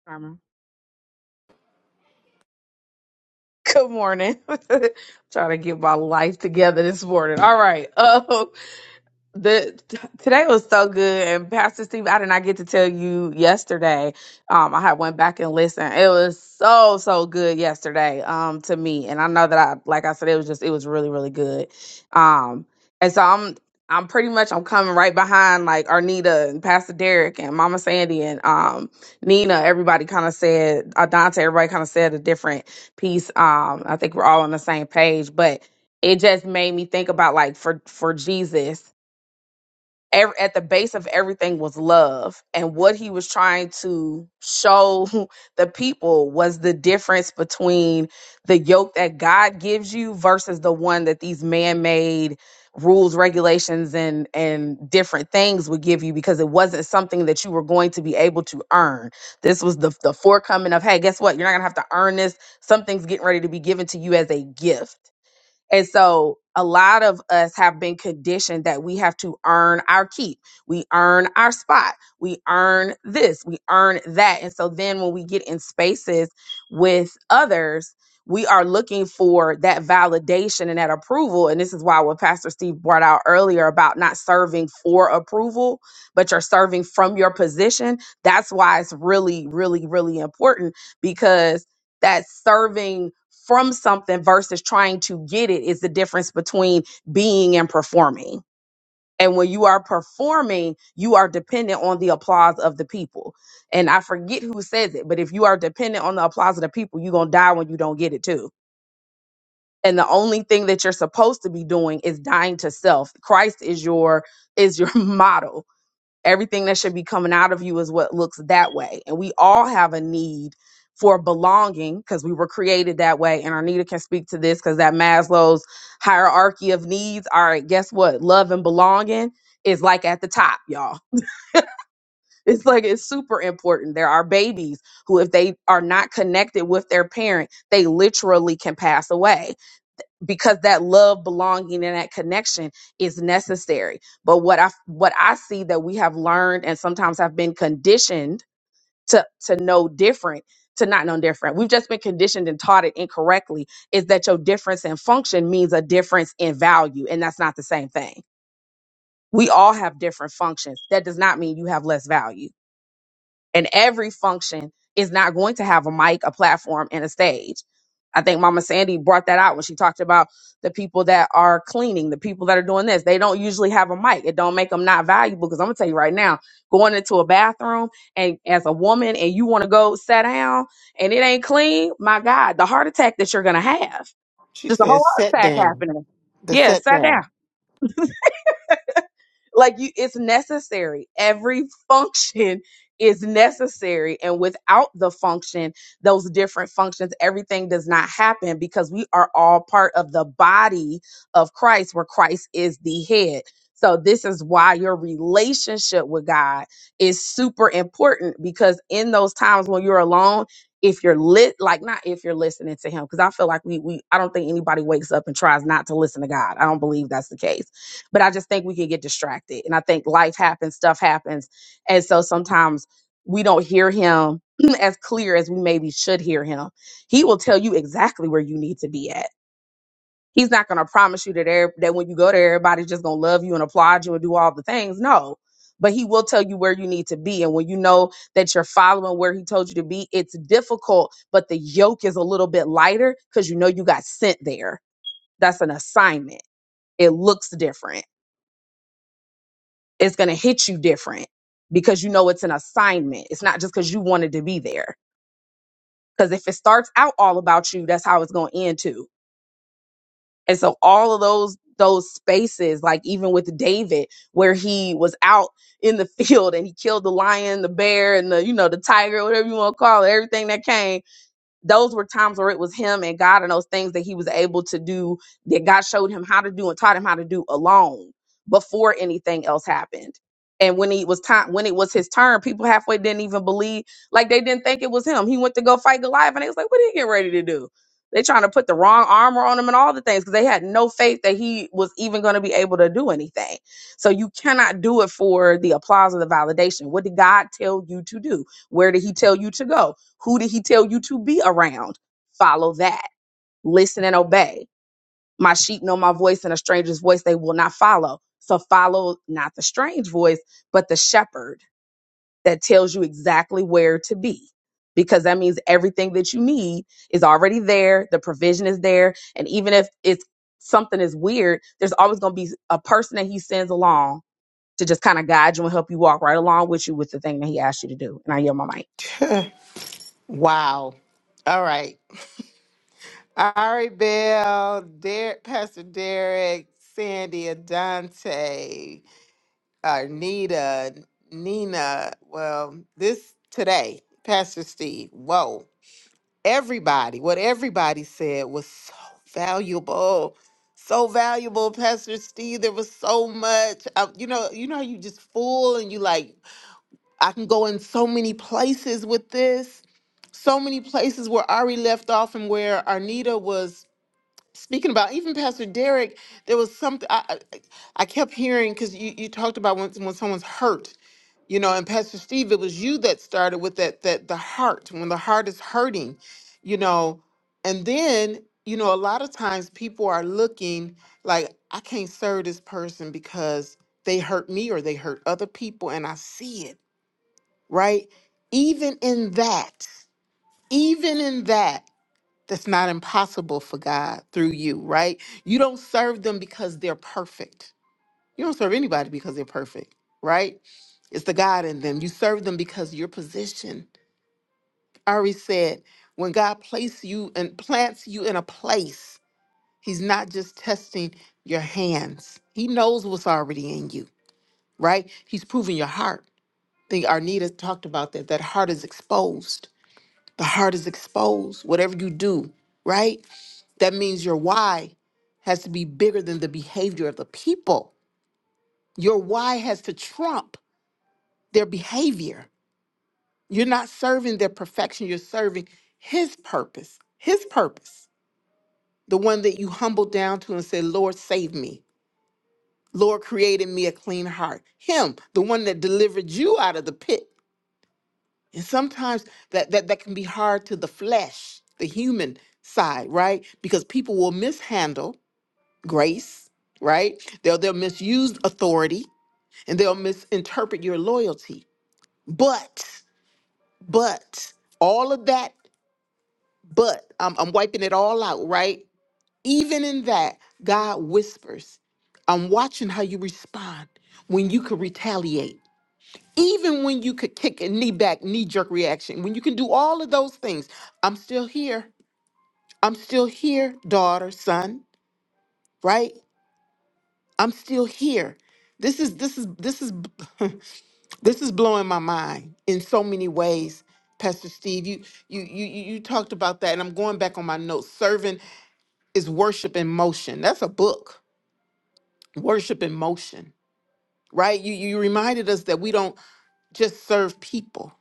S8: Karma. Good morning. (laughs) trying to get my life together this morning. All right. (laughs) Um, the t- today was so good and pastor steve i did not get to tell you yesterday um i had went back and listened it was so so good yesterday um to me and i know that i like i said it was just it was really really good um and so i'm i'm pretty much i'm coming right behind like arnita and pastor derek and mama sandy and um nina everybody kind of said adante everybody kind of said a different piece um i think we're all on the same page but it just made me think about like for for jesus ev- at the base of everything was love and what he was trying to show (laughs) the people was the difference between the yoke that god gives you versus the one that these man-made rules regulations and and different things would give you because it wasn't something that you were going to be able to earn this was the the forecoming of hey guess what you're not gonna have to earn this something's getting ready to be given to you as a gift and so a lot of us have been conditioned that we have to earn our keep. We earn our spot. We earn this. We earn that. And so then when we get in spaces with others, we are looking for that validation and that approval. And this is why what Pastor Steve brought out earlier about not serving for approval, but you're serving from your position. That's why it's really, really, really important because that serving from something versus trying to get it is the difference between being and performing. And when you are performing, you are dependent on the applause of the people. And I forget who says it, but if you are dependent on the applause of the people, you're going to die when you don't get it too. And the only thing that you're supposed to be doing is dying to self. Christ is your is your (laughs) model everything that should be coming out of you is what looks that way. And we all have a need for belonging because we were created that way. And Arnita can speak to this because that Maslow's hierarchy of needs. All right, guess what? Love and belonging is like at the top, y'all. (laughs) It's like it's super important. There are babies who, if they are not connected with their parent, they literally can pass away because that love belonging and that connection is necessary but what i what i see that we have learned and sometimes have been conditioned to to know different to not know different we've just been conditioned and taught it incorrectly is that your difference in function means a difference in value and that's not the same thing we all have different functions that does not mean you have less value and every function is not going to have a mic, a platform, and a stage. I think Mama Sandy brought that out when she talked about the people that are cleaning, the people that are doing this. They don't usually have a mic. It don't make them not valuable because I'm gonna tell you right now, going into a bathroom and as a woman and you want to go sit down and it ain't clean, my God, the heart attack that you're gonna have.
S1: She
S8: Just a
S1: says,
S8: whole heart
S1: "Set
S8: attack
S1: down."
S8: happening.
S1: The
S8: Yeah,
S1: set
S8: sit down
S1: down.
S8: like you it's necessary every (laughs) function is necessary and without the function those different functions everything does not happen because we are all part of the body of Christ where Christ is the head so this is why your relationship with God is super important because in those times when you're alone if you're lit like not if you're listening to him because I feel like we we I don't think anybody wakes up and tries not to listen to God I don't believe that's the case but I just think we can get distracted. And I think life happens, stuff happens. And so sometimes we don't hear him (clears throat) as clear as we maybe should hear him. He will tell you exactly where you need to be at. He's not going to promise you that, every, that when you go there, everybody's just going to love you and applaud you and do all the things. No. But he will tell you where you need to be. And when you know that you're following where he told you to be, it's difficult, but the yoke is a little bit lighter because you know you got sent there. That's an assignment. It looks different it's going to hit you different because you know it's an assignment. It's not just because you wanted to be there. Because if it starts out all about you, that's how it's going to end too. And so all of those those spaces, like even with David, where he was out in the (laughs) field and he killed the lion, the bear, and the you know the tiger, whatever you want to call it, everything that came those were times where it was him and God and those things that he was able to do that God showed him how to do and taught him how to do alone before anything else happened. And when he was time when it was his turn, people halfway didn't even believe, like they didn't think it was him. He went to go fight Goliath and they was like, what are you getting ready to do? They trying to put the wrong armor on him and all the things because they had no faith that he was even going to be able to do anything. So you cannot do it for the applause or the validation. What did God tell you to do? Where did he tell you to go? Who did he tell you to be around? Follow that. Listen and obey. My sheep know my voice, and a stranger's voice they will not follow. So follow not the strange voice, but the shepherd that tells you exactly where to be. Because that means everything that you need is already there. The provision is there. And even if it's something is weird, there's always going to be a person that he sends along to just kind of guide you and help you walk right along with you with the thing that he asked you to do. And I yell my mic.
S1: (laughs) wow. All right. Ari Bell, Derek, Pastor Derek, Sandy, Adante, Arnita, Nina. Well, this today, Pastor Steve. Whoa. Everybody, what everybody said was so valuable. So valuable, Pastor Steve. There was so much. Uh, you know, you know, how you just full and you like I can go in so many places with this, so many places where Ari left off and where Arnita was speaking about. Even Pastor Derek, there was something I, I, I kept hearing because you, you talked about when, when someone's hurt, you know, and Pastor Steve, it was you that started with that, that the heart, when the heart is hurting, you know, and then, you know, a lot of times people are looking like, I can't serve this person because they hurt me or they hurt other people, and I see it right? Even in that, even in that, that's not impossible for God through you, right? You don't serve them because they're perfect. You don't serve anybody because they're perfect, right? It's the God in them. You serve them because your position. I already said, when God places you and plants you in a place, He's not just testing your hands. He knows what's already in you, right? He's proving your heart. I think Arnita talked about that. That heart is exposed The heart is exposed. Whatever you do, right? That means your why has to be bigger than the behavior of the people. Your why has to trump their behavior. You're not serving their perfection, you're serving His purpose, His purpose, the one that you humbled down to and said, Lord, save me. Lord created me a clean heart. Him, the one that delivered you out of the pit And sometimes that, that that can be hard to the flesh, the human side, right? Because people will mishandle grace, right? They'll they'll misuse authority and they'll misinterpret your loyalty. But but all of that, but I'm, I'm wiping it all out, right? Even in that, God whispers, I'm watching how you respond when you could retaliate Even when you could kick a knee back, knee jerk reaction, when you can do all of those things, I'm still here. I'm still here, daughter, son, right? I'm still here. This is this is this is (laughs) this is blowing my mind in so many ways. Pastor Steve, you you you you you talked about that, and I'm going back on my notes. Serving is worship in motion. That's a book. Worship in motion, right? You you reminded us that we don't just serve people;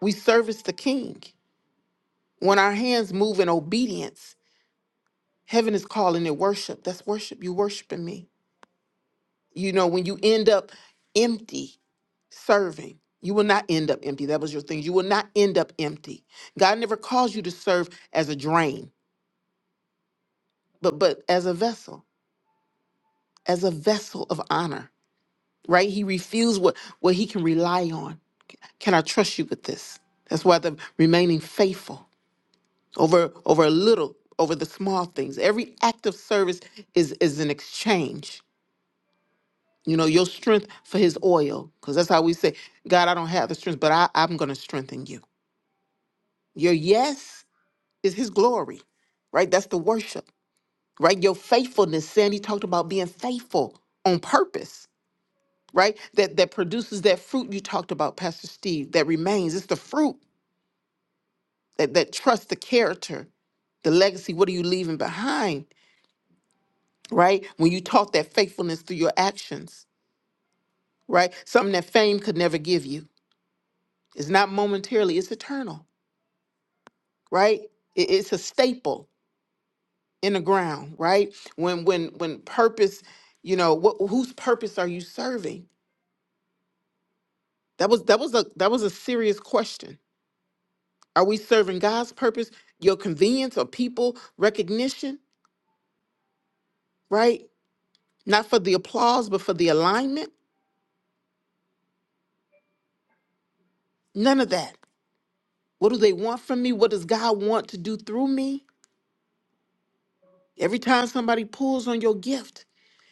S1: we service the King. When our hands move in obedience, heaven is calling it worship. That's worship. You worshiping me. You know, when you end up empty serving, you will not end up empty. That was your thing. You will not end up empty. God never calls you to serve as a drain, but but as a vessel, as a vessel of honor. Right? He refused what what he can rely on. Can I trust you with this? That's why the remaining faithful. over over a little over the small things every act of service is is an exchange you know your strength for his oil because that's how we say god i don't have the strength but I, i'm going to strengthen you your yes is his glory right that's the worship right your faithfulness sandy talked about being faithful on purpose right that that produces that fruit you talked about pastor steve that remains it's the fruit that that trust the character the legacy what are you leaving behind right? When you taught that faithfulness through your actions, right? Something that fame could never give you. It's not momentarily, it's eternal, right? It- it's a staple in the ground, right? When when when purpose, you know, what whose purpose are you serving? That was that was a that was a serious question. Are we serving God's purpose, your convenience or people recognition, right? Not for the applause, but for the alignment? None of that. What do they want from me? What does God want to do through me? Every time somebody pulls on your gift,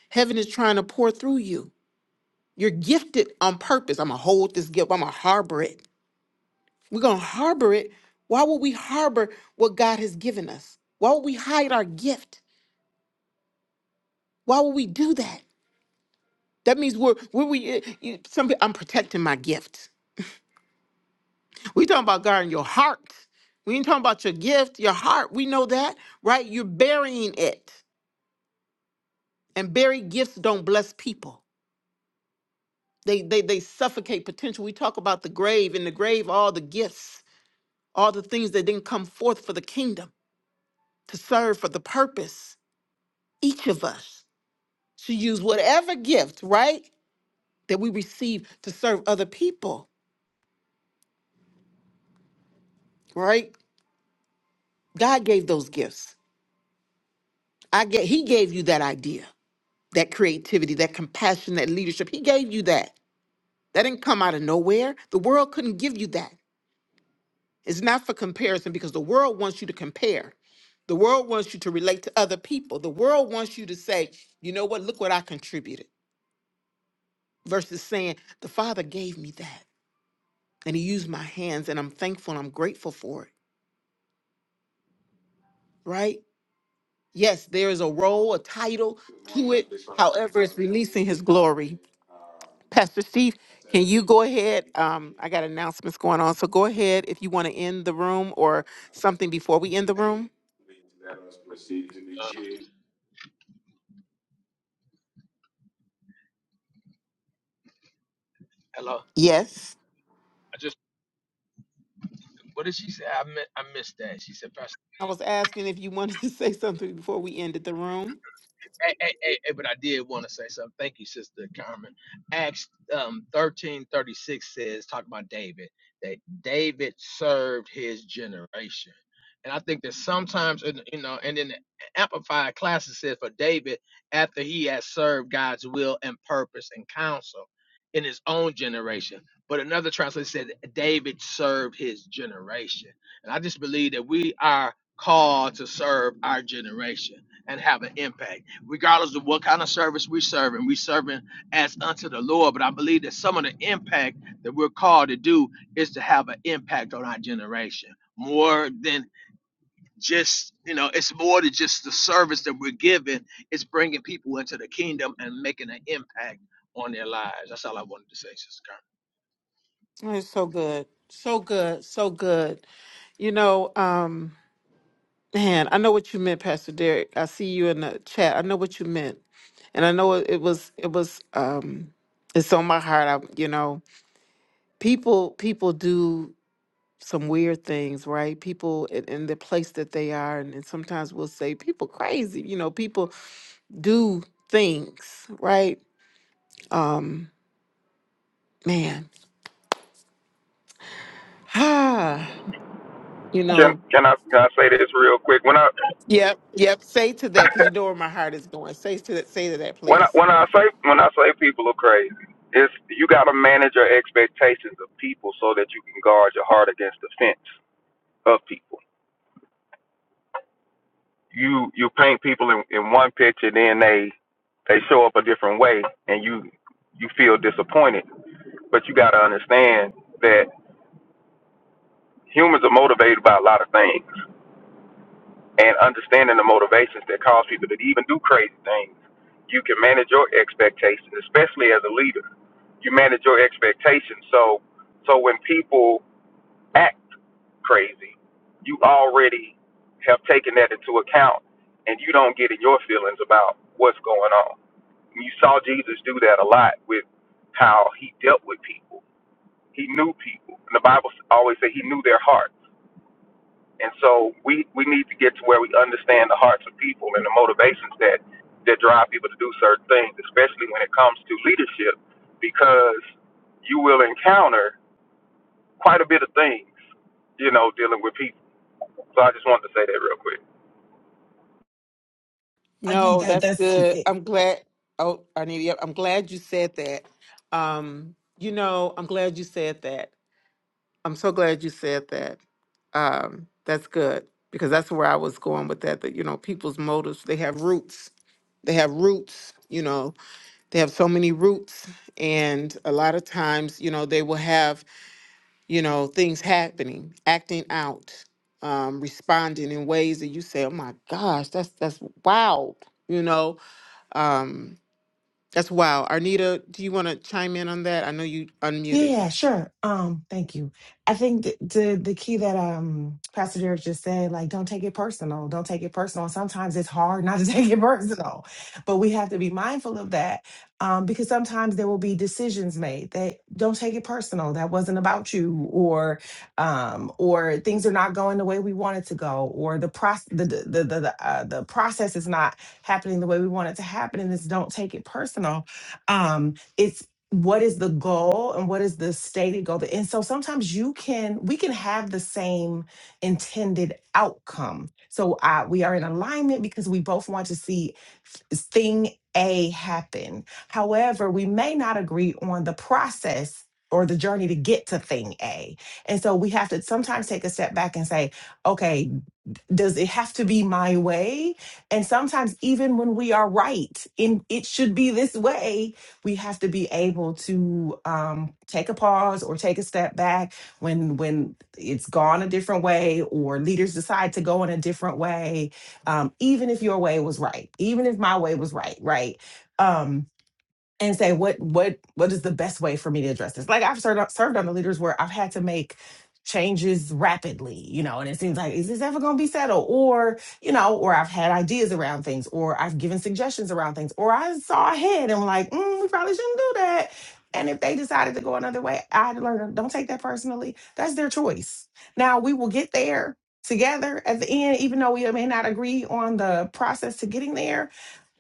S1: heaven is trying to pour through you. You're gifted on purpose. I'm going to hold this gift, I'm going to harbor it. We're going to harbor it. Why would we harbor what God has given us? Why would we hide our gift? Why would we do that? That means we're, we're we, eh, you, some, pe- I'm protecting my gift. we talking about God in your heart. We ain't talking about your gift, your heart. We know that, right? You're burying it. And buried gifts don't bless people. they they they suffocate potential we talk about the grave in the grave all the gifts all the things that didn't come forth for the kingdom to serve for the purpose each of us should use whatever gift right that we receive to serve other people right god gave those gifts i get he gave you that idea that creativity that compassion that leadership he gave you that that didn't come out of nowhere the world couldn't give you that It's not for comparison because the world wants you to compare. The world wants you to relate to other people. The world wants you to say, you know what, look what I contributed, versus saying, the Father gave me that and He used my hands and I'm thankful and I'm grateful for it, right? Yes, there is a role, a title to it. However, it's releasing His glory. Pastor Steve, can you go ahead? Um, I got announcements going on. So go ahead if you want to end the room or something before we end the room.
S2: Hello.
S1: Yes.
S2: I just, what did she say? I, mi- I missed that. She said,
S1: I was asking if you wanted to (laughs) say something before we ended the room.
S2: Hey, hey, hey, hey, but I did want to say something. Thank you, Sister Carmen. Acts um, thirteen thirty six says, talk about David, that David served his generation. And I think that sometimes, in- you know, and then the Amplified Classic says, for David, after he has served God's will and purpose and counsel in his own generation. But another translation said, David served his generation. And I just believe that we are called to serve our generation and have an impact regardless of what kind of service we're serving, we are serving as unto the Lord. But I believe that some of the impact that we're called to do is to have an impact on our generation. More than just, you know, it's more than just the service that we're giving. It's bringing people into the kingdom and making an impact on their lives. That's all I wanted to say, Sister Carla.
S1: Oh, It's so good. So good. So good. You know, um, man, I know what you meant, Pastor Derek. I see you in the chat. I know what you meant. And I know it, it was it was um it's on my heart. I you know, people people do some weird things, right? People in, in the place that they are and, and sometimes we'll say people crazy, you know, people do things, right? Man. (sighs) Ah, you
S7: Can
S1: know,
S7: can I can I say this real quick? When I
S1: Yep, yep. Say to that because
S7: (laughs)
S1: you know where my heart is going. Say to that. Say to that,
S7: When I,
S1: please.
S7: when I say when I say people are crazy, it's you got to manage your expectations of people so that you can guard your heart against the fence of people. You you paint people in, in one picture, then they they show up a different way, and you you feel disappointed. But you got to understand that humans are motivated by a lot of things. and understanding the motivations that cause people to even do crazy things, you can manage your expectations, especially as a leader. You manage your expectations. So so when people act crazy, you already have taken that into account and you don't get in your feelings about what's going on. You saw Jesus do that a lot with how he dealt with people. He knew people. And the Bible always says he knew their heart. And so we, we need to get to where we understand the hearts of people and the motivations that, that drive people to do certain things, especially when it comes to leadership, because you will encounter quite a bit of things, you know, dealing with people. So I just wanted to say that real quick.
S6: I think
S1: No,
S6: that
S1: that's
S6: that's
S1: good.
S6: it,
S1: I'm glad. Oh, I need. Yep, I'm glad you said that. Um, you know, I'm glad you said that. I'm so glad you said that. Um, that's good because that's where I was going with that. That you know, people's motives. They have roots. They have roots. You know, they have so many roots, and a lot of times, you know, they will have you know, things happening, acting out, um, responding in ways that you say, "Oh my gosh, that's that's wild," you know, um, that's wild. Arnita, do you want to chime in on that? I know you
S6: Yeah,
S1: unmuted.
S6: sure. Um, thank you. I think the, the the key that um Pastor Derek just said, like, don't take it personal. Don't take it personal. Sometimes it's hard not to (laughs) take it personal, but we have to be mindful of that um, because sometimes there will be decisions made that don't take it personal. That wasn't about you, or um, or things are not going the way we want it to go, or the process the the the the, uh, the process is not happening the way we want it to happen, and it's don't take it personal. Um, it's what is the goal and what is the stated goal and so sometimes you can we can have the same intended outcome so uh, we are in alignment because we both want to see s- thing a happen however we may not agree on the process or the journey to get to thing a and so we have to sometimes take a step back and say okay does it have to be my way? And sometimes, even when we are right in it should be this way, we have to be able to um, take a pause or take a step back when when it's gone a different way or leaders decide to go in a different way. Um, even if your way was right, even if my way was right, right? Um, and say what what what is the best way for me to address this like i've served, served under leaders where i've had to make changes rapidly you know and it seems like is this ever going to be settled or you know or i've had ideas around things or i've given suggestions around things or i saw ahead and like mm, we probably shouldn't do that and if they decided to go another way i had to learn don't take that personally that's their choice now we will get there together at the end even though we may not agree on the process to getting there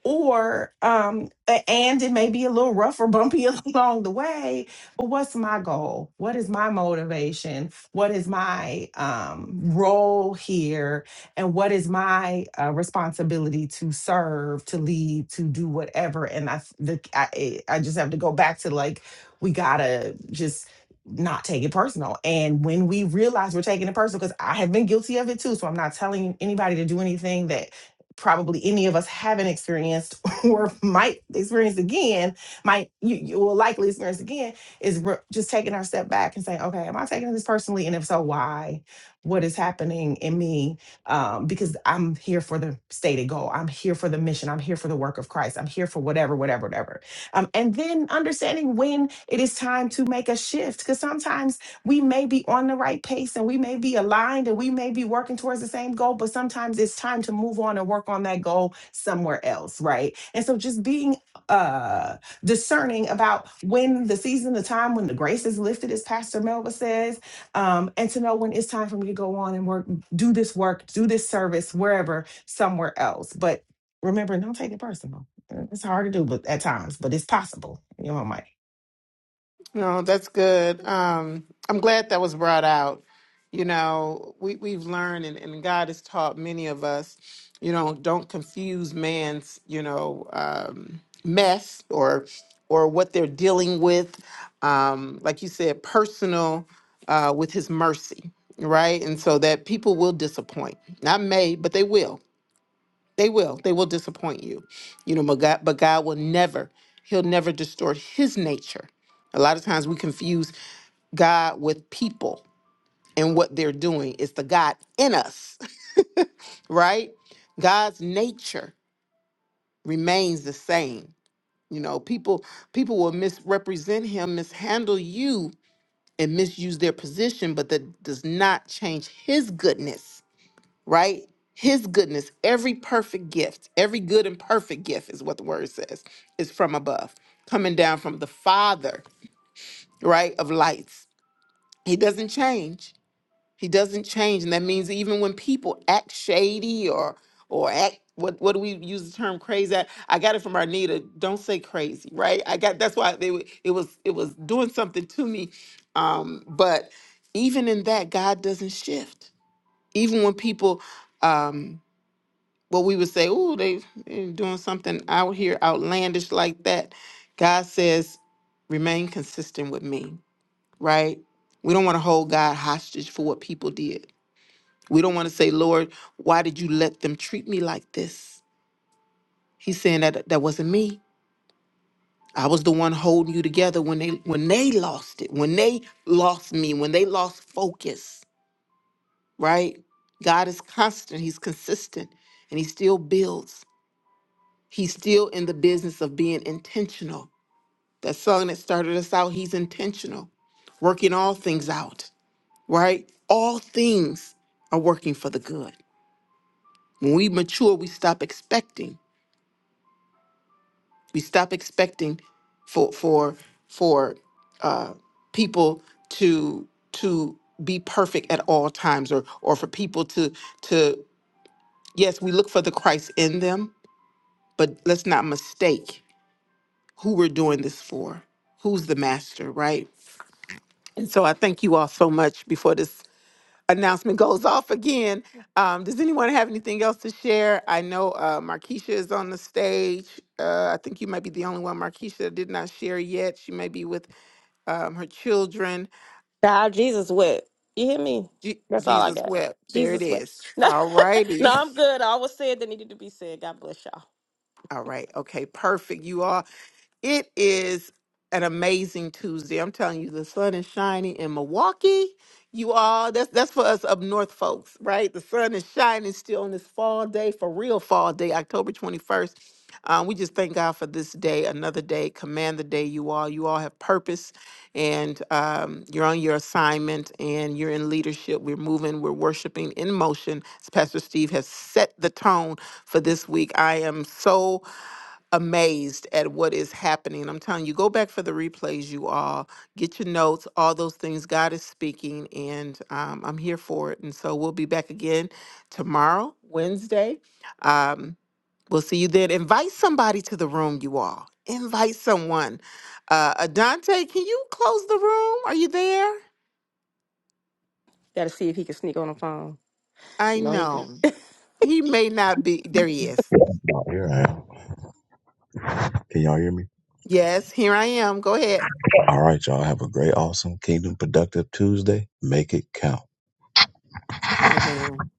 S6: or um a- and it may be a little rough or bumpy (laughs) along the way but what's my goal what is my motivation what is my um role here and what is my uh, responsibility to serve to lead to do whatever and i the, I, eh, I just have to go back to like we gotta just not take it personal and when we realize we're taking it personal because i have been guilty of it too so i'm not telling anybody to do anything probably any of us haven't experienced (laughs) or might experience again, might you, you will likely experience again, is re- just taking our step back and saying, okay, am I taking this personally? And if so, why? What is happening in me? Um, because I'm here for the stated goal. I'm here for the mission. I'm here for the work of Christ. I'm here for whatever, whatever, whatever. Um, and then understanding when it is time to make a shift. Because sometimes we may be on the right pace and we may be aligned and we may be working towards the same goal, but sometimes it's time to move on and work on that goal somewhere else, right? And so just being uh discerning about when the season, the time when the grace is lifted, as Pastor Melva says, um, and to know when it's time for me to go on and work, do this work, do this service wherever, somewhere else. But remember, don't take it personal. It's hard to do, but at times, but it's possible. You know, Mike.
S1: No, that's good. Um, I'm glad that was brought out. You know, we, we've learned and, and God has taught many of us, you know, don't confuse man's, you know, um, mess or or what they're dealing with. Um, like you said, personal uh, with his mercy, right? And so that people will disappoint. Not may, but they will. They will. They will disappoint you. You know, but God, but God will never, He'll never distort His nature. A lot of times we confuse God with people and what they're doing. It's the God in us, (laughs) right? God's nature remains the same. You know, people people will misrepresent him, mishandle you, and misuse their position, but that does not change his goodness right? His goodness, every perfect gift, every good and perfect gift is what the word says, is from above, coming down from the Father, right, of lights. He doesn't change. He doesn't change. And that means even when people act shady or or act what what do we use the term crazy at? I got it from Arnita. Don't say crazy, right? I got that's why they, wa- it was it was doing something to me. Um, but even in that, God doesn't shift. Even when people um but we would say, "Oh, they they doing something out here outlandish like that." God says, "Remain consistent with me." Right? We don't want to hold God hostage for what people did. We don't want to say, "Lord, why did you let them treat me like this?" He's saying that that wasn't me. I was the one holding you together when they when they lost it, when they lost me, when they lost focus, right? God is constant, he's consistent, and he still builds. He's still in the business of being intentional. That song that started us out, he's intentional, working all things out, right? All things are working for the good. When we mature, we stop expecting. We stop expecting for for for uh, people to to be perfect at all times, or or for people to to yes, we look for the Christ in them, but let's not mistake. who we're doing this for, who's the master, right? And so I thank you all so much before this announcement (laughs) goes off again. Um, does anyone have anything else to share? I know uh, Markeisha is on the stage. Uh, I think you might be the only one, Markeisha, that did not share yet. She may be with um, her children.
S9: God, Jesus whip. You hear me?
S1: Je-
S9: That's all I
S1: Jesus
S9: got.
S1: wept. There it
S9: Jesus whip. (laughs)
S1: is.
S9: No,
S1: All righty.
S9: no, I'm good. I always said that needed to be said. God bless y'all.
S1: (laughs) All right. Okay. Perfect. You all. It is an amazing Tuesday. I'm telling you, the sun is shining in Milwaukee. You all, that's that's for us up north folks, right? The sun is shining still on this fall day, for real fall day, October 21st. Um, we just thank God for this day, another day. Command the day, you all. You all have purpose, and um, you're on your assignment, and you're in leadership. We're moving, we're worshiping in motion. As Pastor Steve has set the tone for this week, I am so amazed at what is happening. I'm telling you, go back for the replays, you all. Get your notes, all those things. God is speaking, and um, I'm here for it. And so we'll be back again tomorrow, Wednesday. Um, we'll see you then. Invite somebody to the room, you all. Invite someone. Uh, Adante, can you close the room? Are you there?
S9: Got to see if he can sneak on the phone.
S1: I
S9: You know, he, be.
S1: know. He may not be. There he is.
S5: Here I am. Can y'all hear me?
S1: Yes, here I am. Go ahead.
S5: All right, y'all have a great, awesome, kingdom productive Tuesday. Make it count.
S1: Amen.